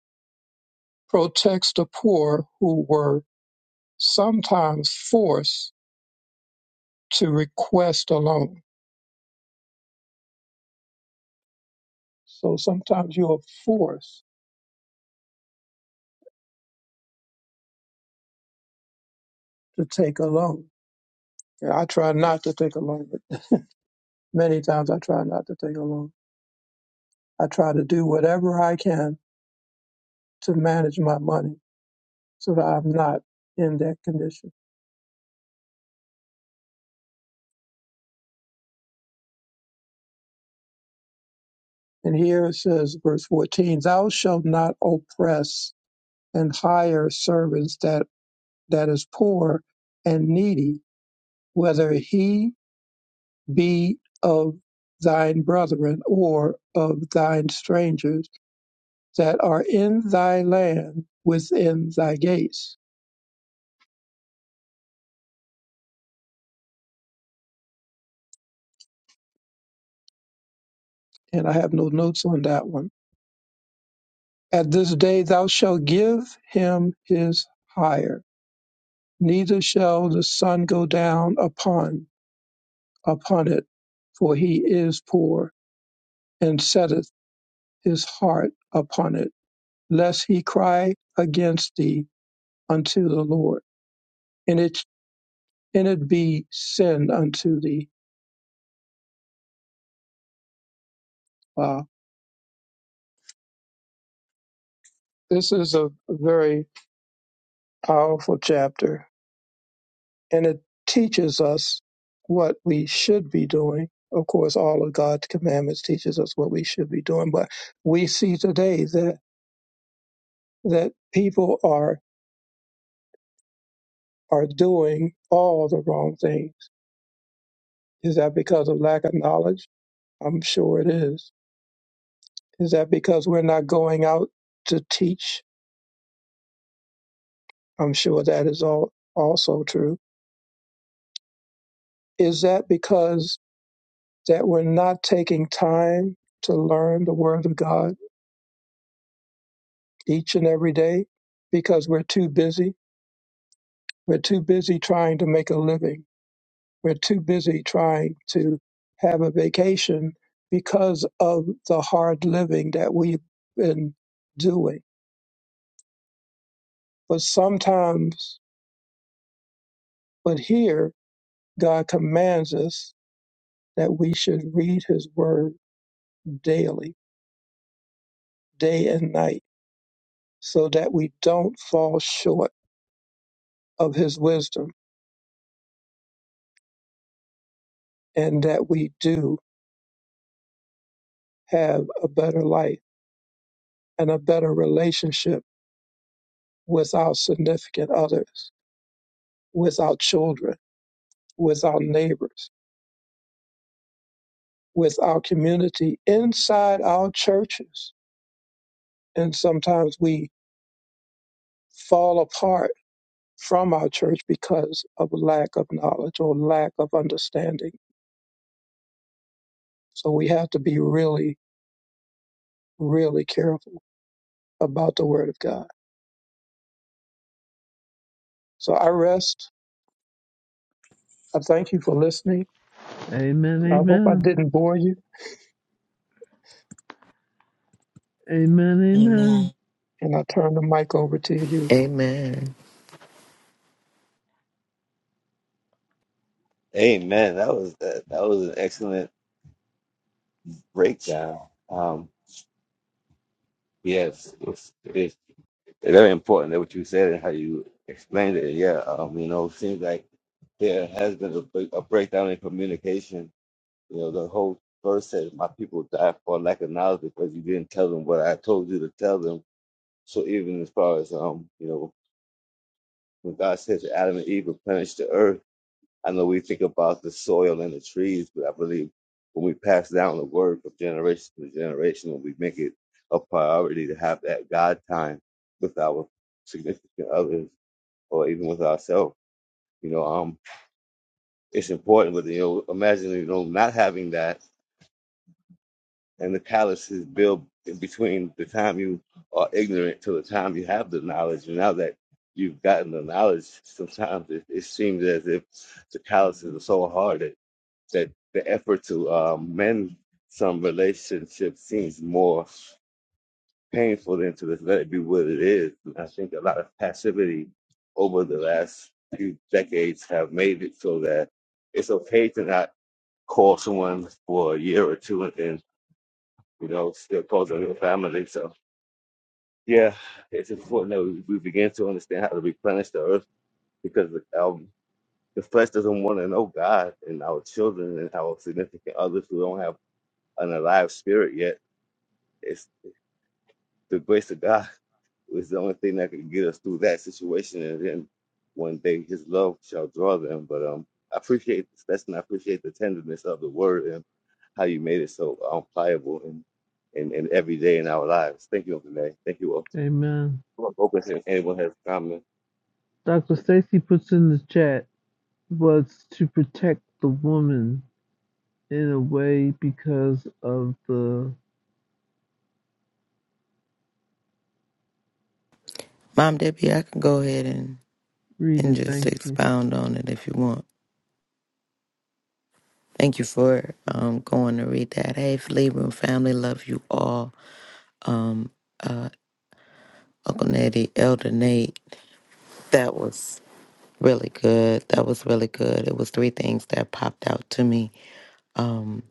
C: protects the poor who were sometimes forced to request a loan. So sometimes you are forced to take a loan. And I try not to take a loan, but many times I try not to take a loan. I try to do whatever I can to manage my money so that I'm not in that condition. And here it says, verse 14, thou shalt not oppress and hire servants that, that is poor and needy, whether he be of thine brethren or of thine strangers that are in thy land within thy gates. And I have no notes on that one. At this day thou shalt give him his hire, neither shall the sun go down upon upon it, for he is poor, and setteth his heart upon it, lest he cry against thee unto the Lord, and it and it be sin unto thee. Wow. This is a very powerful chapter and it teaches us what we should be doing. Of course, all of God's commandments teaches us what we should be doing, but we see today that that people are are doing all the wrong things. Is that because of lack of knowledge? I'm sure it is. Is that because we're not going out to teach? I'm sure that is all also true. Is that because that we're not taking time to learn the word of God? each and every day because we're too busy. We're too busy trying to make a living. We're too busy trying to have a vacation because of the hard living that we've been doing. But sometimes, but here, God commands us that we should read His Word daily, day and night, so that we don't fall short of His wisdom and that we do have a better life and a better relationship with our significant others, with our children, with our neighbors, with our community, inside our churches. And sometimes we fall apart from our church because of lack of knowledge or lack of understanding. So we have to be really, really careful about the Word of God. So I rest. I thank you for listening. I hope I
I: Amen. Amen.
C: didn't bore you.
I: Amen.
G: Amen.
C: And I turn the mic over to you.
K: Amen.
A: Amen. That was that, that was an excellent breakdown. Um, yes, it's, it's very important that what you said and how you explained it. Yeah, um, you know, it seems like there has been a, break- a breakdown in communication You know, the whole verse says, My people died for lack of knowledge because you didn't tell them what I told you to tell them. So even as far as um, you know, when God says to Adam and Eve replenish the earth, I know we think about the soil and the trees, but I believe when we pass down the word from generation to generation, when we make it a priority to have that God time with our significant others or even with ourselves, you know, um, it's important. But you know, imagine you know not having that and the callous is built in between the time you are ignorant to the time you have the knowledge. And now that you've gotten the knowledge, sometimes it, it seems as if the calluses are so hard that, that the effort to um, mend some relationship seems more painful than to just let it be what it is. And I think a lot of passivity over the last few decades have made it so that it's okay to not call someone for a year or two you know, still close to your family. So yeah, it's important that we, we begin to understand how to replenish the earth because the, our, the flesh doesn't want to know God and our children and our significant others who don't have an alive spirit yet. It's the grace of God is the only thing that can get us through that situation, and then one day His love shall draw them. But um, I appreciate this lesson. I appreciate the tenderness of the Word and how you made it so um, pliable and and, and every day in our lives. Thank you, Uncle Nate. Thank you all.
I: Amen.
A: what Focus and everyone has common.
I: Dr. Stacy puts in the chat was to protect the woman in a way because of the
K: Mom Debbie, I can go ahead and,
I: Read
K: and
I: it,
K: just
I: thank you.
K: expound on it if you want. Thank you for um, going to read that. Hey, Flea Room family, love you all. Um, uh, Uncle Nettie, Elder Nate, that was really good. That was really good. It was three things that popped out to me. Um,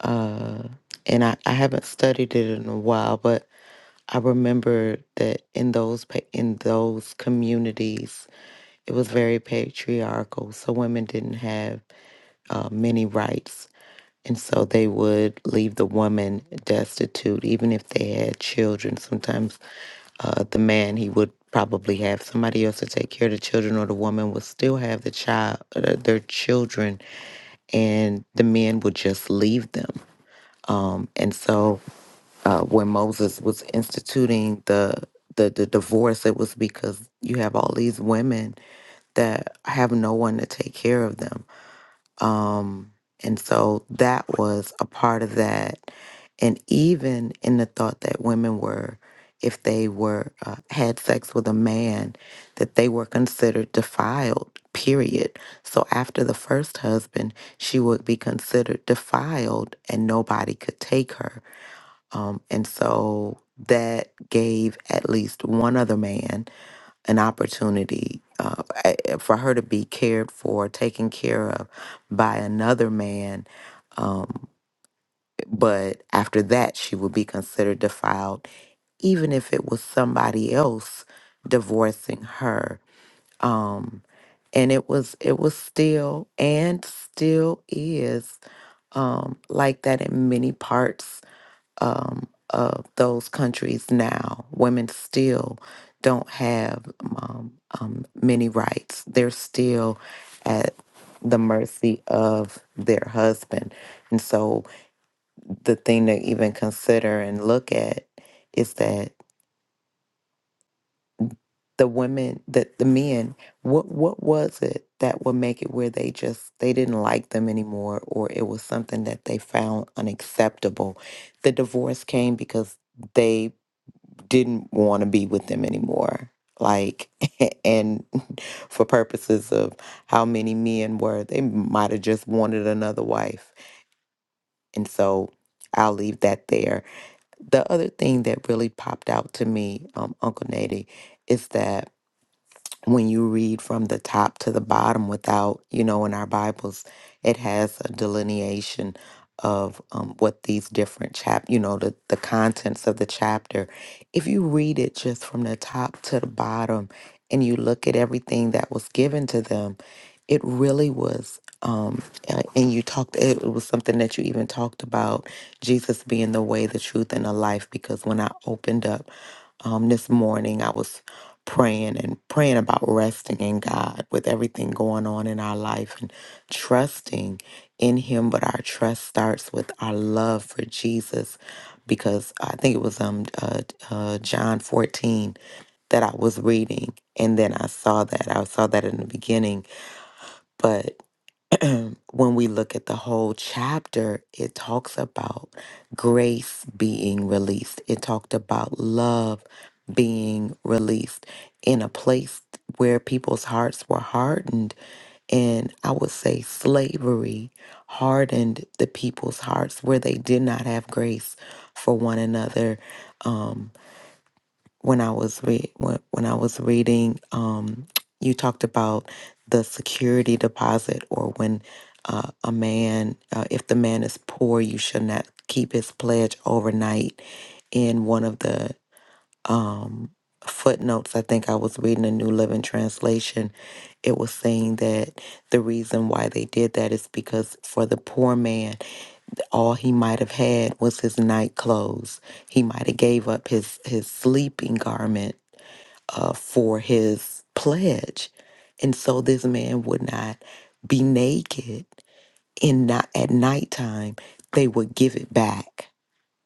K: uh, and I, I haven't studied it in a while, but I remember that in those pa- in those communities It was very patriarchal, so women didn't have uh, many rights. And so they would leave the woman destitute, even if they had children. Sometimes uh, the man, he would probably have somebody else to take care of the children, or the woman would still have the child, uh, their children, and the men would just leave them. Um, and so uh, when Moses was instituting the, the the divorce, it was because you have all these women that I have no one to take care of them. Um, and so that was a part of that. And even in the thought that women were, if they were uh, had sex with a man, that they were considered defiled. Period. So after the first husband, she would be considered defiled, and nobody could take her. Um, and so that gave at least one other man an opportunity uh, a- for her to be cared for, taken care of by another man. Um, but after that, she would be considered defiled, even if it was somebody else divorcing her. Um, and it was it was still and still is um, like that in many parts um, of those countries now, women still don't have um, um, many rights. They're still at the mercy of their husband. And so the thing to even consider and look at is that the women that the men what what was it that would make it where they just they didn't like them anymore or it was something that they found unacceptable the divorce came because they didn't want to be with them anymore. Like, and for purposes of how many men were, they might have just wanted another wife. And so I'll leave that there. The other thing that really popped out to me, um, Uncle Nady, is that when you read from the top to the bottom without, you know, in our Bibles, it has a delineation of um, what these different chap, you know, the, the contents of the chapter. If you read it just from the top to the bottom and you look at everything that was given to them, it really was, um, uh, and you talked, it was something that you even talked about Jesus being the way, the truth, and the life, because when I opened up um, this morning. I was praying and praying about resting in God with everything going on in our life and trusting in Him. But our trust starts with our love for Jesus, because I think it was um uh, uh, John fourteen that I was reading, and then I saw that I saw that in the beginning, but. when we look at the whole chapter, it talks about grace being released. It talked about love being released in a place where people's hearts were hardened. And I would say slavery hardened the people's hearts where they did not have grace for one another. Um, when I was re- when, when I was reading, um, you talked about the security deposit, or when uh, a man, uh, if the man is poor, you should not keep his pledge overnight. In one of the um, footnotes, I think I was reading a New Living Translation. It was saying that the reason why they did that is because for the poor man, all he might have had was his night clothes. He might have gave up his his sleeping garment uh, for his pledge. And so this man would not be naked in not at nighttime. They would give it back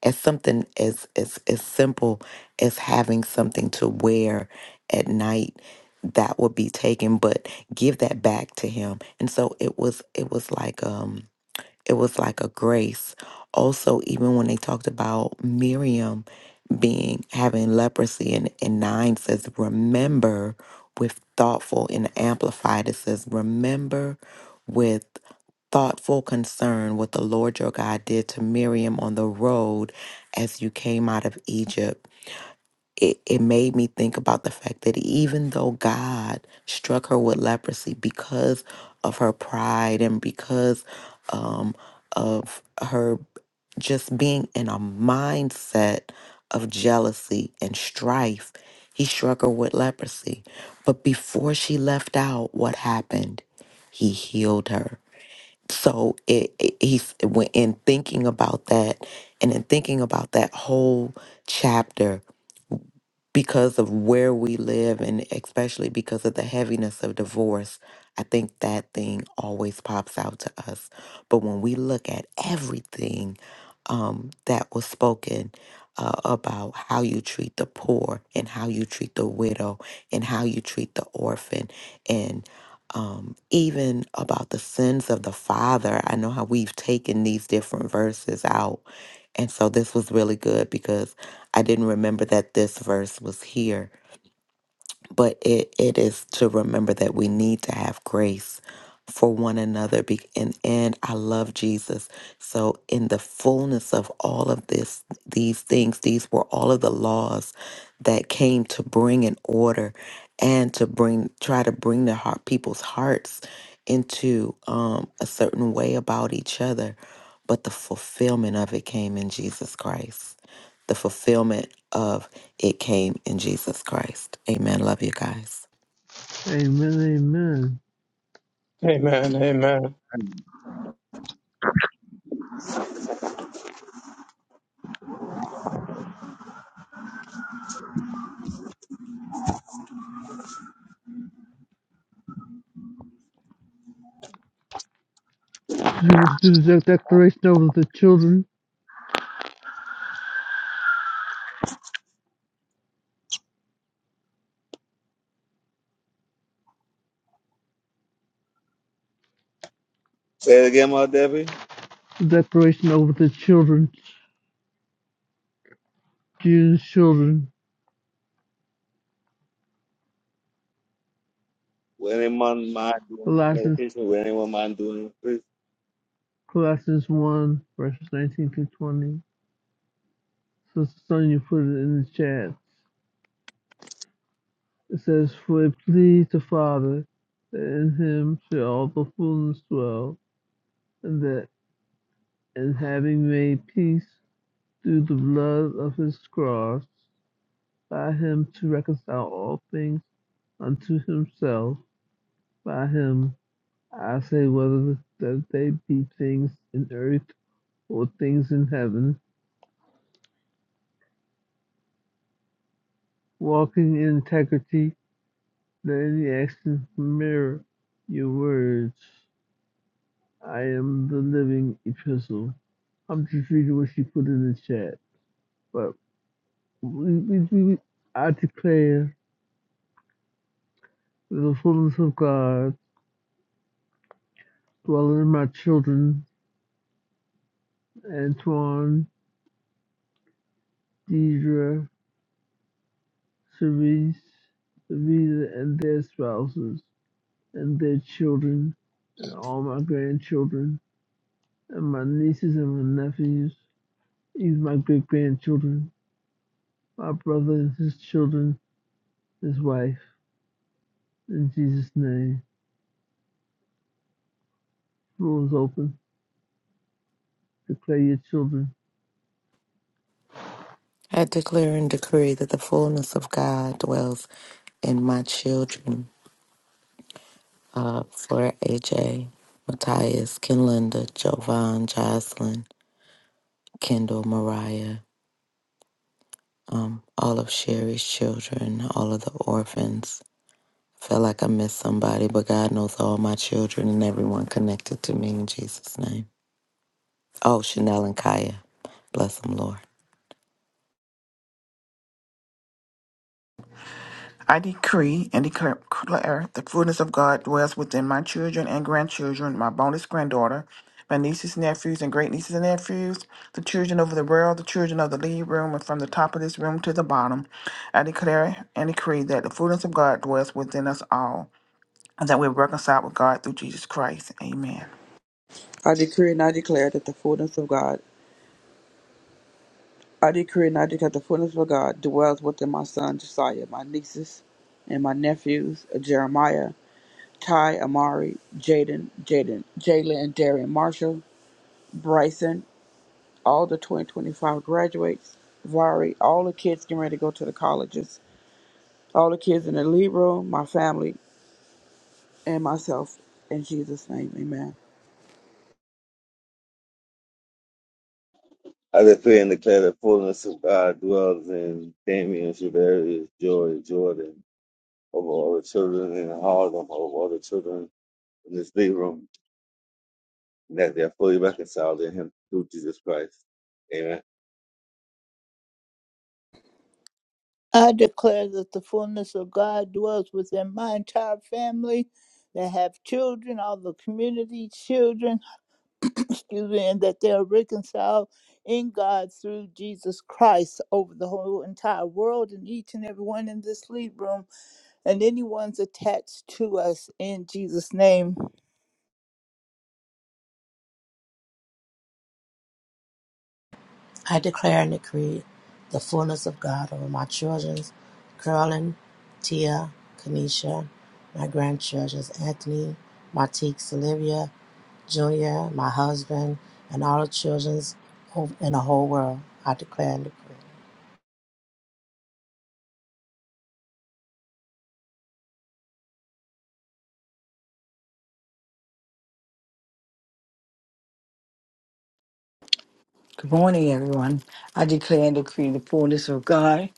K: as something as, as as simple as having something to wear at night that would be taken, but give that back to him. And so it was it was like um it was like a grace. Also, even when they talked about Miriam being having leprosy and, and nine says, remember with thoughtful and amplified, it says, remember with thoughtful concern what the Lord your God did to Miriam on the road as you came out of Egypt it, it made me think about the fact that even though God struck her with leprosy because of her pride and because um, of her just being in a mindset of jealousy and strife, he struck her with leprosy. But before she left out, what happened? He healed her. So it, it he's when in thinking about that and in thinking about that whole chapter because of where we live and especially because of the heaviness of divorce, I think that thing always pops out to us. But when we look at everything um, that was spoken uh, about how you treat the poor and how you treat the widow and how you treat the orphan and um, even about the sins of the father, I know how we've taken these different verses out and so this was really good because I didn't remember that this verse was here but it, it is to remember that we need to have grace for one another be- and and I love Jesus. So in the fullness of all of this these things these were all of the laws that came to bring an order and to bring try to bring the heart people's hearts into um, a certain way about each other but the fulfillment of it came in Jesus Christ. The fulfillment of it came in Jesus Christ. Amen. Love you guys.
I: Amen, amen.
C: Amen. Amen.
I: Do you want to do the de- declaration over the children?
A: Say it again, my Debbie.
I: The declaration over the children, Jesus' children.
A: Will anyone mind doing the
I: Colossians,
A: meditation? Will anyone mind doing the priest?
I: Colossians 1, verses 19 to 20. Sister Sonia put it in the chat. It says, For it pleased the Father that in him shall all the fullness dwell, and that in having made peace through the blood of his cross, by him to reconcile all things unto himself. By him I say whether that they be things in earth or things in heaven, walking in integrity, letting any action mirror your words. I am the living epistle. I'm just reading what she put in the chat. But we, we, we, I declare the fullness of God dwelling in my children, Antoine, Deidre, Ceres, Vida and their spouses, and their children, and all my grandchildren, and my nieces and my nephews, even my great grandchildren, my brother and his children, his wife. In Jesus' name, the floor is open. Declare your children.
K: I declare and decree that the fullness of God dwells in my children. Uh, for AJ, Matthias, Kinlinda, Jovan, Jocelyn, Kendall, Mariah, um, all of Sherry's children, all of the orphans. I feel like I missed somebody, but God knows all my children and everyone connected to me in Jesus' name. Oh, Chanel and Kaya. Bless them, Lord.
L: I decree and declare declare the fullness of God dwells within my children and grandchildren, my bonus granddaughter, my nieces, nephews, and great nieces and nephews, the children of the world, the children of the lead room, and from the top of this room to the bottom. I declare and decree that the fullness of God dwells within us all, and that we're reconciled with God through Jesus Christ. Amen.
E: I decree and I declare that the fullness of God I decree and I declare the fullness of God dwells within my son Josiah, my nieces and my nephews, Jeremiah, Ty, Amari, Jaden, Jaden, Jalen and Darian Marshall, Bryson, all the twenty twenty five graduates, Vari, all the kids getting ready to go to the colleges, all the kids in the lead room, my family, and myself in Jesus' name, amen.
A: I declare and declare the fullness of God dwells in Damien, Shavarius, Joy, Jordan, over all the children in Harlem, over all the children in this big room, and that they are fully reconciled in Him through Jesus Christ. Amen.
D: I declare that the fullness of God dwells within my entire family that have children, all the community children. excuse me, and that they are reconciled in God through Jesus Christ over the whole entire world and each and everyone in this lead room and anyone's attached to us in Jesus' name.
G: I declare and decree the fullness of God over my children, Carolyn, Tia, Kanisha, my grandchildren, Anthony, Matique, Olivia, Junior, my husband, and all the children in the whole world. I declare and decree.
M: Good morning, everyone. I declare and decree the fullness of God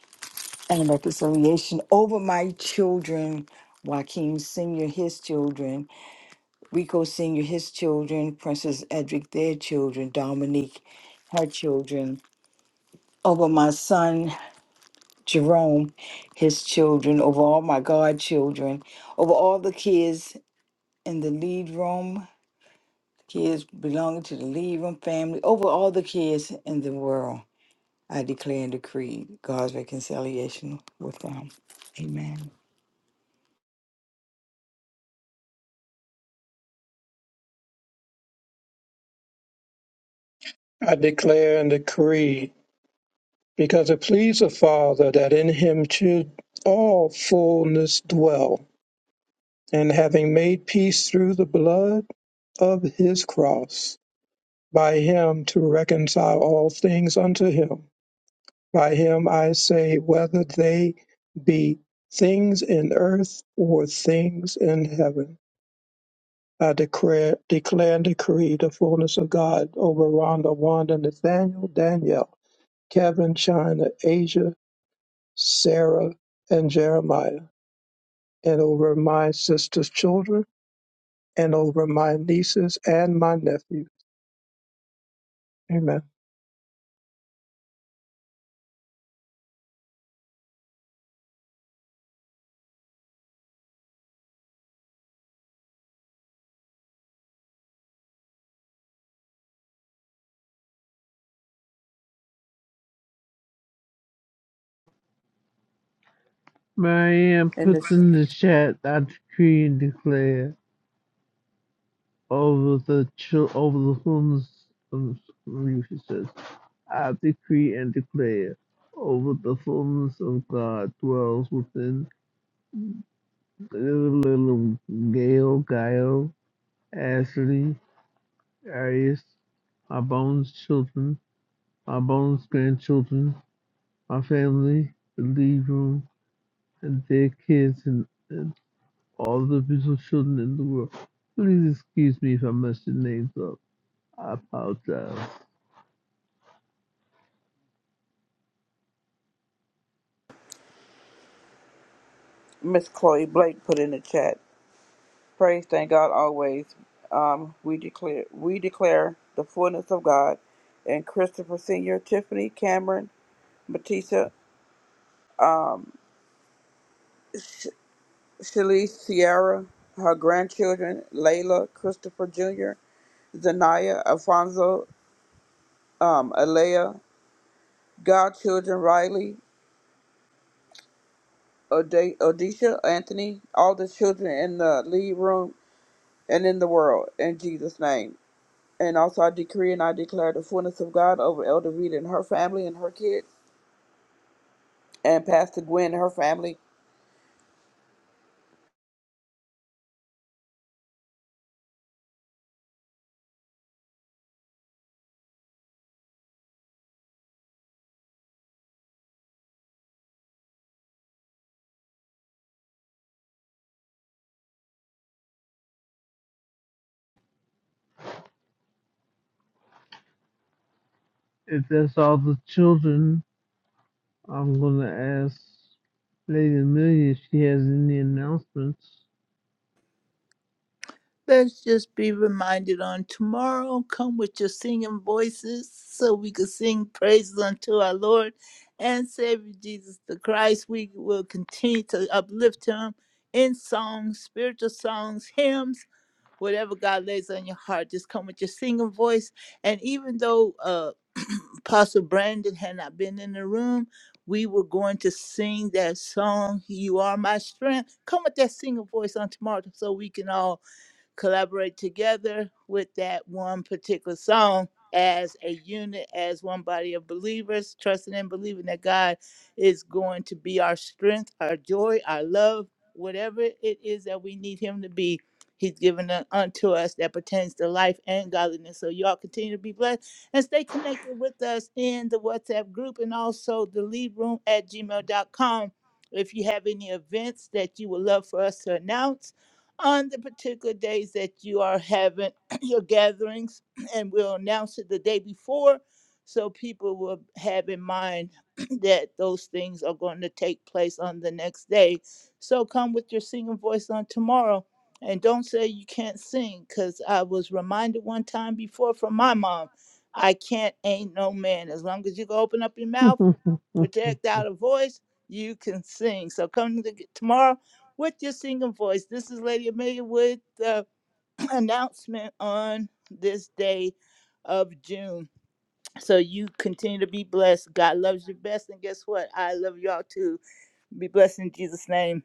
M: and reconciliation over my children, Joaquin Sr., his children, Rico Sr., his children, Princess Edric, their children, Dominique, her children, over my son, Jerome, his children, over all my godchildren, over all the kids in the lead room, kids belonging to the lead room family, over all the kids in the world. I declare and decree God's reconciliation with them. Amen.
C: I declare and decree because it pleased the Father that in him should all fullness dwell, and having made peace through the blood of his cross, by him to reconcile all things unto him. By him I say, whether they be things in earth or things in heaven. I declare, declare and decree the fullness of God over Rhonda, Wanda, Nathaniel, Danielle, Kevin, China, Asia, Sarah and Jeremiah, and over my sister's children, and over my nieces and my nephew. Amen.
I: Marianne
E: And
I: puts
E: Miss
I: in the chat, I decree and declare over the chil- over the fullness of, you, she says. I decree and declare over the fullness of God dwells within little Gail, Gail, Ashley, Arius, my bones children, my bones grandchildren, my family, the lead room, and their kids, and, and all the beautiful children in the world. Please excuse me if I mess your names up. I apologize.
E: Miss Chloe Blake put in the chat. Praise thank God always. Um, we declare we declare the fullness of God and Christopher Senior, Tiffany, Cameron, Matisa, Shalise, Sierra, her grandchildren, Layla, Christopher Jr., Zanaya, Alfonso, um, Alea, godchildren, Riley, Ode- Odisha, Anthony, all the children in the lead room, and in the world, in Jesus' name. And also, I decree and I declare the fullness of God over Elder Rita and her family and her kids, and Pastor Gwen and her family,
I: If that's all the children, I'm gonna ask Lady Amelia if she has any announcements.
D: Let's just be reminded on tomorrow, come with your singing voices so we can sing praises unto our Lord and Savior Jesus the Christ. We will continue to uplift him in songs, spiritual songs, hymns whatever God lays on your heart. Just come with your singing voice. And even though uh, Apostle Brandon had not been in the room, we were going to sing that song, You Are My Strength. Come with that singing voice on tomorrow so we can all collaborate together with that one particular song as a unit, as one body of believers, trusting and believing that God is going to be our strength, our joy, our love, whatever it is that we need Him to be. He's given it unto us that pertains to life and godliness. So y'all continue to be blessed and stay connected with us in the WhatsApp group and also the lead room at gmail.com. If you have any events that you would love for us to announce, on the particular days that you are having your gatherings, and we'll announce it the day before so people will have in mind that those things are going to take place on the next day. So come with your singing voice on tomorrow. And don't say you can't sing, because I was reminded one time before from my mom, I can't ain't no man. As long as you can open up your mouth, project out a voice, you can sing. So come to, tomorrow with your singing voice. This is Lady Amelia with the announcement on this day of June. So you continue to be blessed. God loves you best. And guess what? I love y'all too. Be blessed in Jesus' name.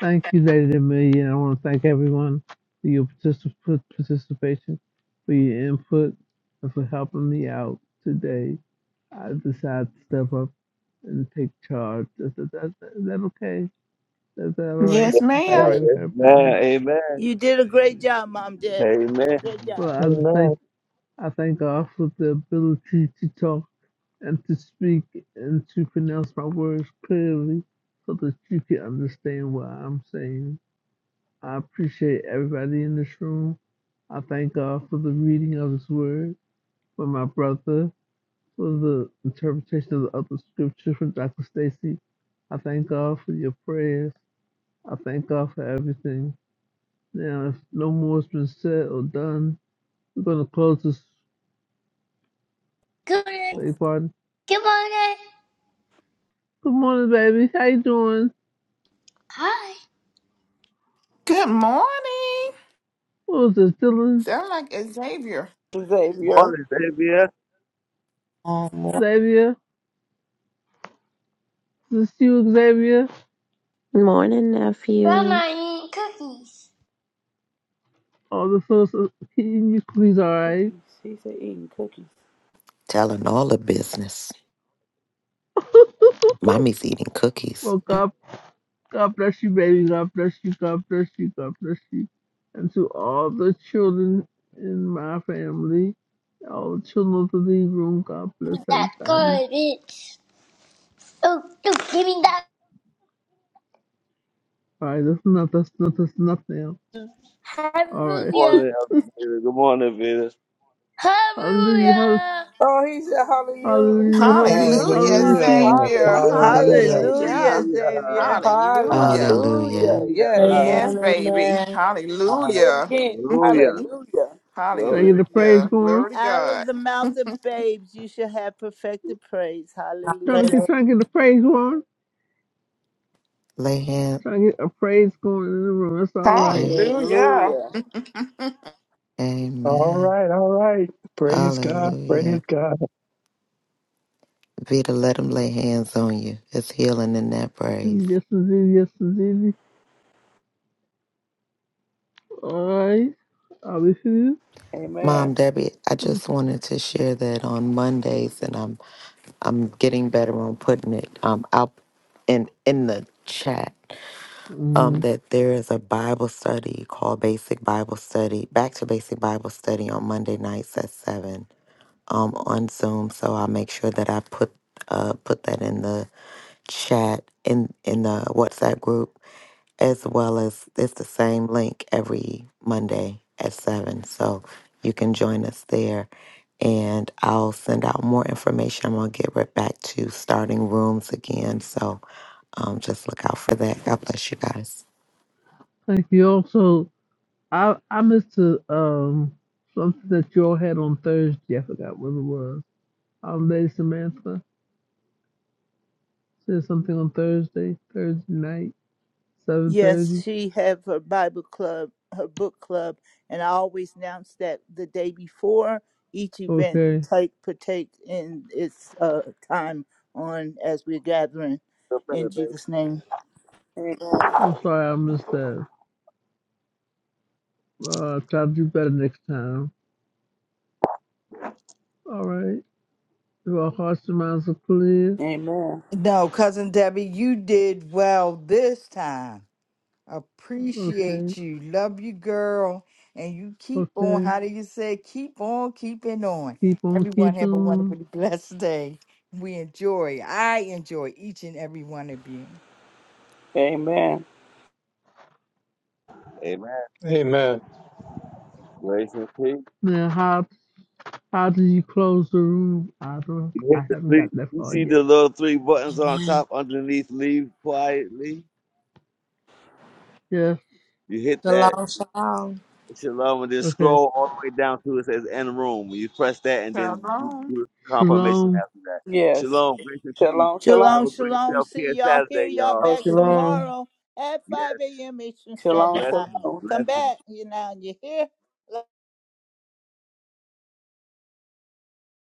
I: thank you, Lady Amelia, and I want to thank everyone for your particip- participation, for your input, and for helping me out today. I decided to step up and take charge. Is that, that, is that okay? Is that all right?
L: Yes,
I: Is that all
A: Amen.
L: ma'am.
I: right with everybody?
A: Amen.
D: You did a great job, Mom Deb.
A: Amen.
D: Good job.
I: Well, I just thank
C: Amen.
I: I thank God for the ability to talk and to speak and to pronounce my words clearly so that you can understand what I'm saying. I appreciate everybody in this room. I thank God for the reading of His Word, for my brother, for the interpretation of the other scripture from Dr. Stacy. I thank God for your prayers. I thank God for everything. Now, if no more has been said or done, we're going to close this
N: Good.
I: day party.
N: Good morning.
I: Good morning, baby. How you doing?
N: Hi.
L: Good morning.
I: What was this, Dylan?
L: Sound like Xavier.
A: Good
E: Xavier.
A: morning, Xavier.
G: Amen.
I: Xavier? Is this you, Xavier?
O: Morning, nephew.
N: Grandma, I'm cookies.
I: Oh, the source of can you please, all right?
E: Cookies. He said eating cookies.
K: Telling all the business. Mommy's eating cookies.
I: Well, God, God bless you, baby. God bless you. God bless you. God bless you. And to all the children in my family, all the children of the lead room, God
N: Give me
I: bless
N: that
I: everybody.
N: garbage. Oh, no, give me that.
I: All right, that's enough. That's enough. That's enough now. All
A: Good
I: right.
N: Hallelujah.
A: morning, Elder David. Good morning, Vita.
I: Hallelujah. hall-
N: Hallelujah.
E: Oh, he said hallelujah. He said
I: Hallelujah.
E: hallelujah.
I: Hallelujah.
N: Come
L: Hallelujah,
I: Hallelujah.
N: on.
I: to you.
C: Hallelujah.
L: Xavier.
E: Hallelujah,
C: Hallelujah.
E: baby.
D: Hallelujah,
L: Hallelujah.
A: Hallelujah.
D: Xavier.
L: Hallelujah.
K: Hallelujah.
E: Hallelujah.
A: Hallelujah.
E: Yes.
L: Yes,
G: Amen.
L: baby.
G: Amen.
E: Say it
L: Hallelujah.
E: again.
A: Hallelujah.
E: Hallelujah.
I: Trying
A: Glory
I: to get
A: to
I: the praise
L: Hallelujah.
I: going.
L: Glory to
D: Out of
L: God.
D: the mouth of babes, you shall have perfected praise.
I: Trying to
D: Hallelujah.
I: get,
G: Hallelujah.
I: trying to get the praise going.
K: Lay hand.
I: Trying to get a praise going in the room. That's all right.
K: a-
L: Hallelujah.
E: Hallelujah.
C: All
K: Amen.
C: right. All right. Praise God. Praise
K: Hallelujah.
C: God.
K: Vita, let him lay hands on you. It's healing in that praise.
I: Yes, indeed. Yes, indeed. All right. I'll be here.
K: Mom,
E: Amen.
K: Debbie, I just wanted to share that on Mondays, and I'm I'm getting better on putting it um out in in the chat.
I: hmm
K: Um, that there is a Bible study called Basic Bible Study, Back to Basic Bible Study on Monday nights at seven um, on Zoom, so I'll make sure that I put uh, put that in the chat in in the WhatsApp group, as well as it's the same link every Monday at seven, so you can join us there. And I'll send out more information. I'm gonna get right back to starting rooms again, so um, just look out for that. God bless you guys.
I: Thank you. Also, I I missed a, um something that you all had on Thursday. I forgot what it was. Um, Lady Samantha said something on Thursday, Thursday night, seven
D: Yes,
I: thirty.
D: she have her Bible club, her book club, and I always announce that the day before each event
I: Okay.
D: take partake in its uh, time on as we're gathering
A: God.
D: in Jesus' name.
E: Amen.
I: I'm sorry I missed that. Uh, try to do better next time. All right. If our hearts and minds are clear,
E: Amen.
M: No, cousin Debbie, you did well this time.
I: okay,
M: Appreciate you. Love you, girl. And you keep on,
I: okay.
M: how do you say, keep on keeping on.
I: Keep on
M: Everyone
I: keeping.
M: have a
I: on.
M: wonderfully blessed day. We enjoy, I enjoy each and every one of you.
E: Amen.
A: Amen.
C: Amen.
A: Grace and peace.
I: Now, high How did you close the room? I don't.
A: You
I: I
A: hit the
I: haven't
A: three,
I: got that
A: you
I: far
A: see the
I: yet.
A: little three buttons on
G: Amen.
A: top underneath leave quietly.
I: Yes.
A: You hit that
G: Shalom, shalom.
A: shalom and then
I: Okay.
A: scroll all the way down to it says end room. You press that and then do,
L: Shalom.
A: do the confirmation
I: Shalom.
A: after that.
E: Yes.
A: Shalom, grace and peace.
E: Shalom, shalom.
A: Have
D: Shalom,
A: a great
D: shalom.
A: self
D: See
A: care
D: y'all, hear
A: Saturday,
D: y'all
A: y'all.
E: Oh,
D: back
E: she
H: Shalom.
D: tomorrow at
A: Yeah,
D: 5 a.m. Eastern Standard
E: Shalom,
D: Time.
A: blessings,
E: shalom.
D: Come
A: blessings.
D: back, you now you hear?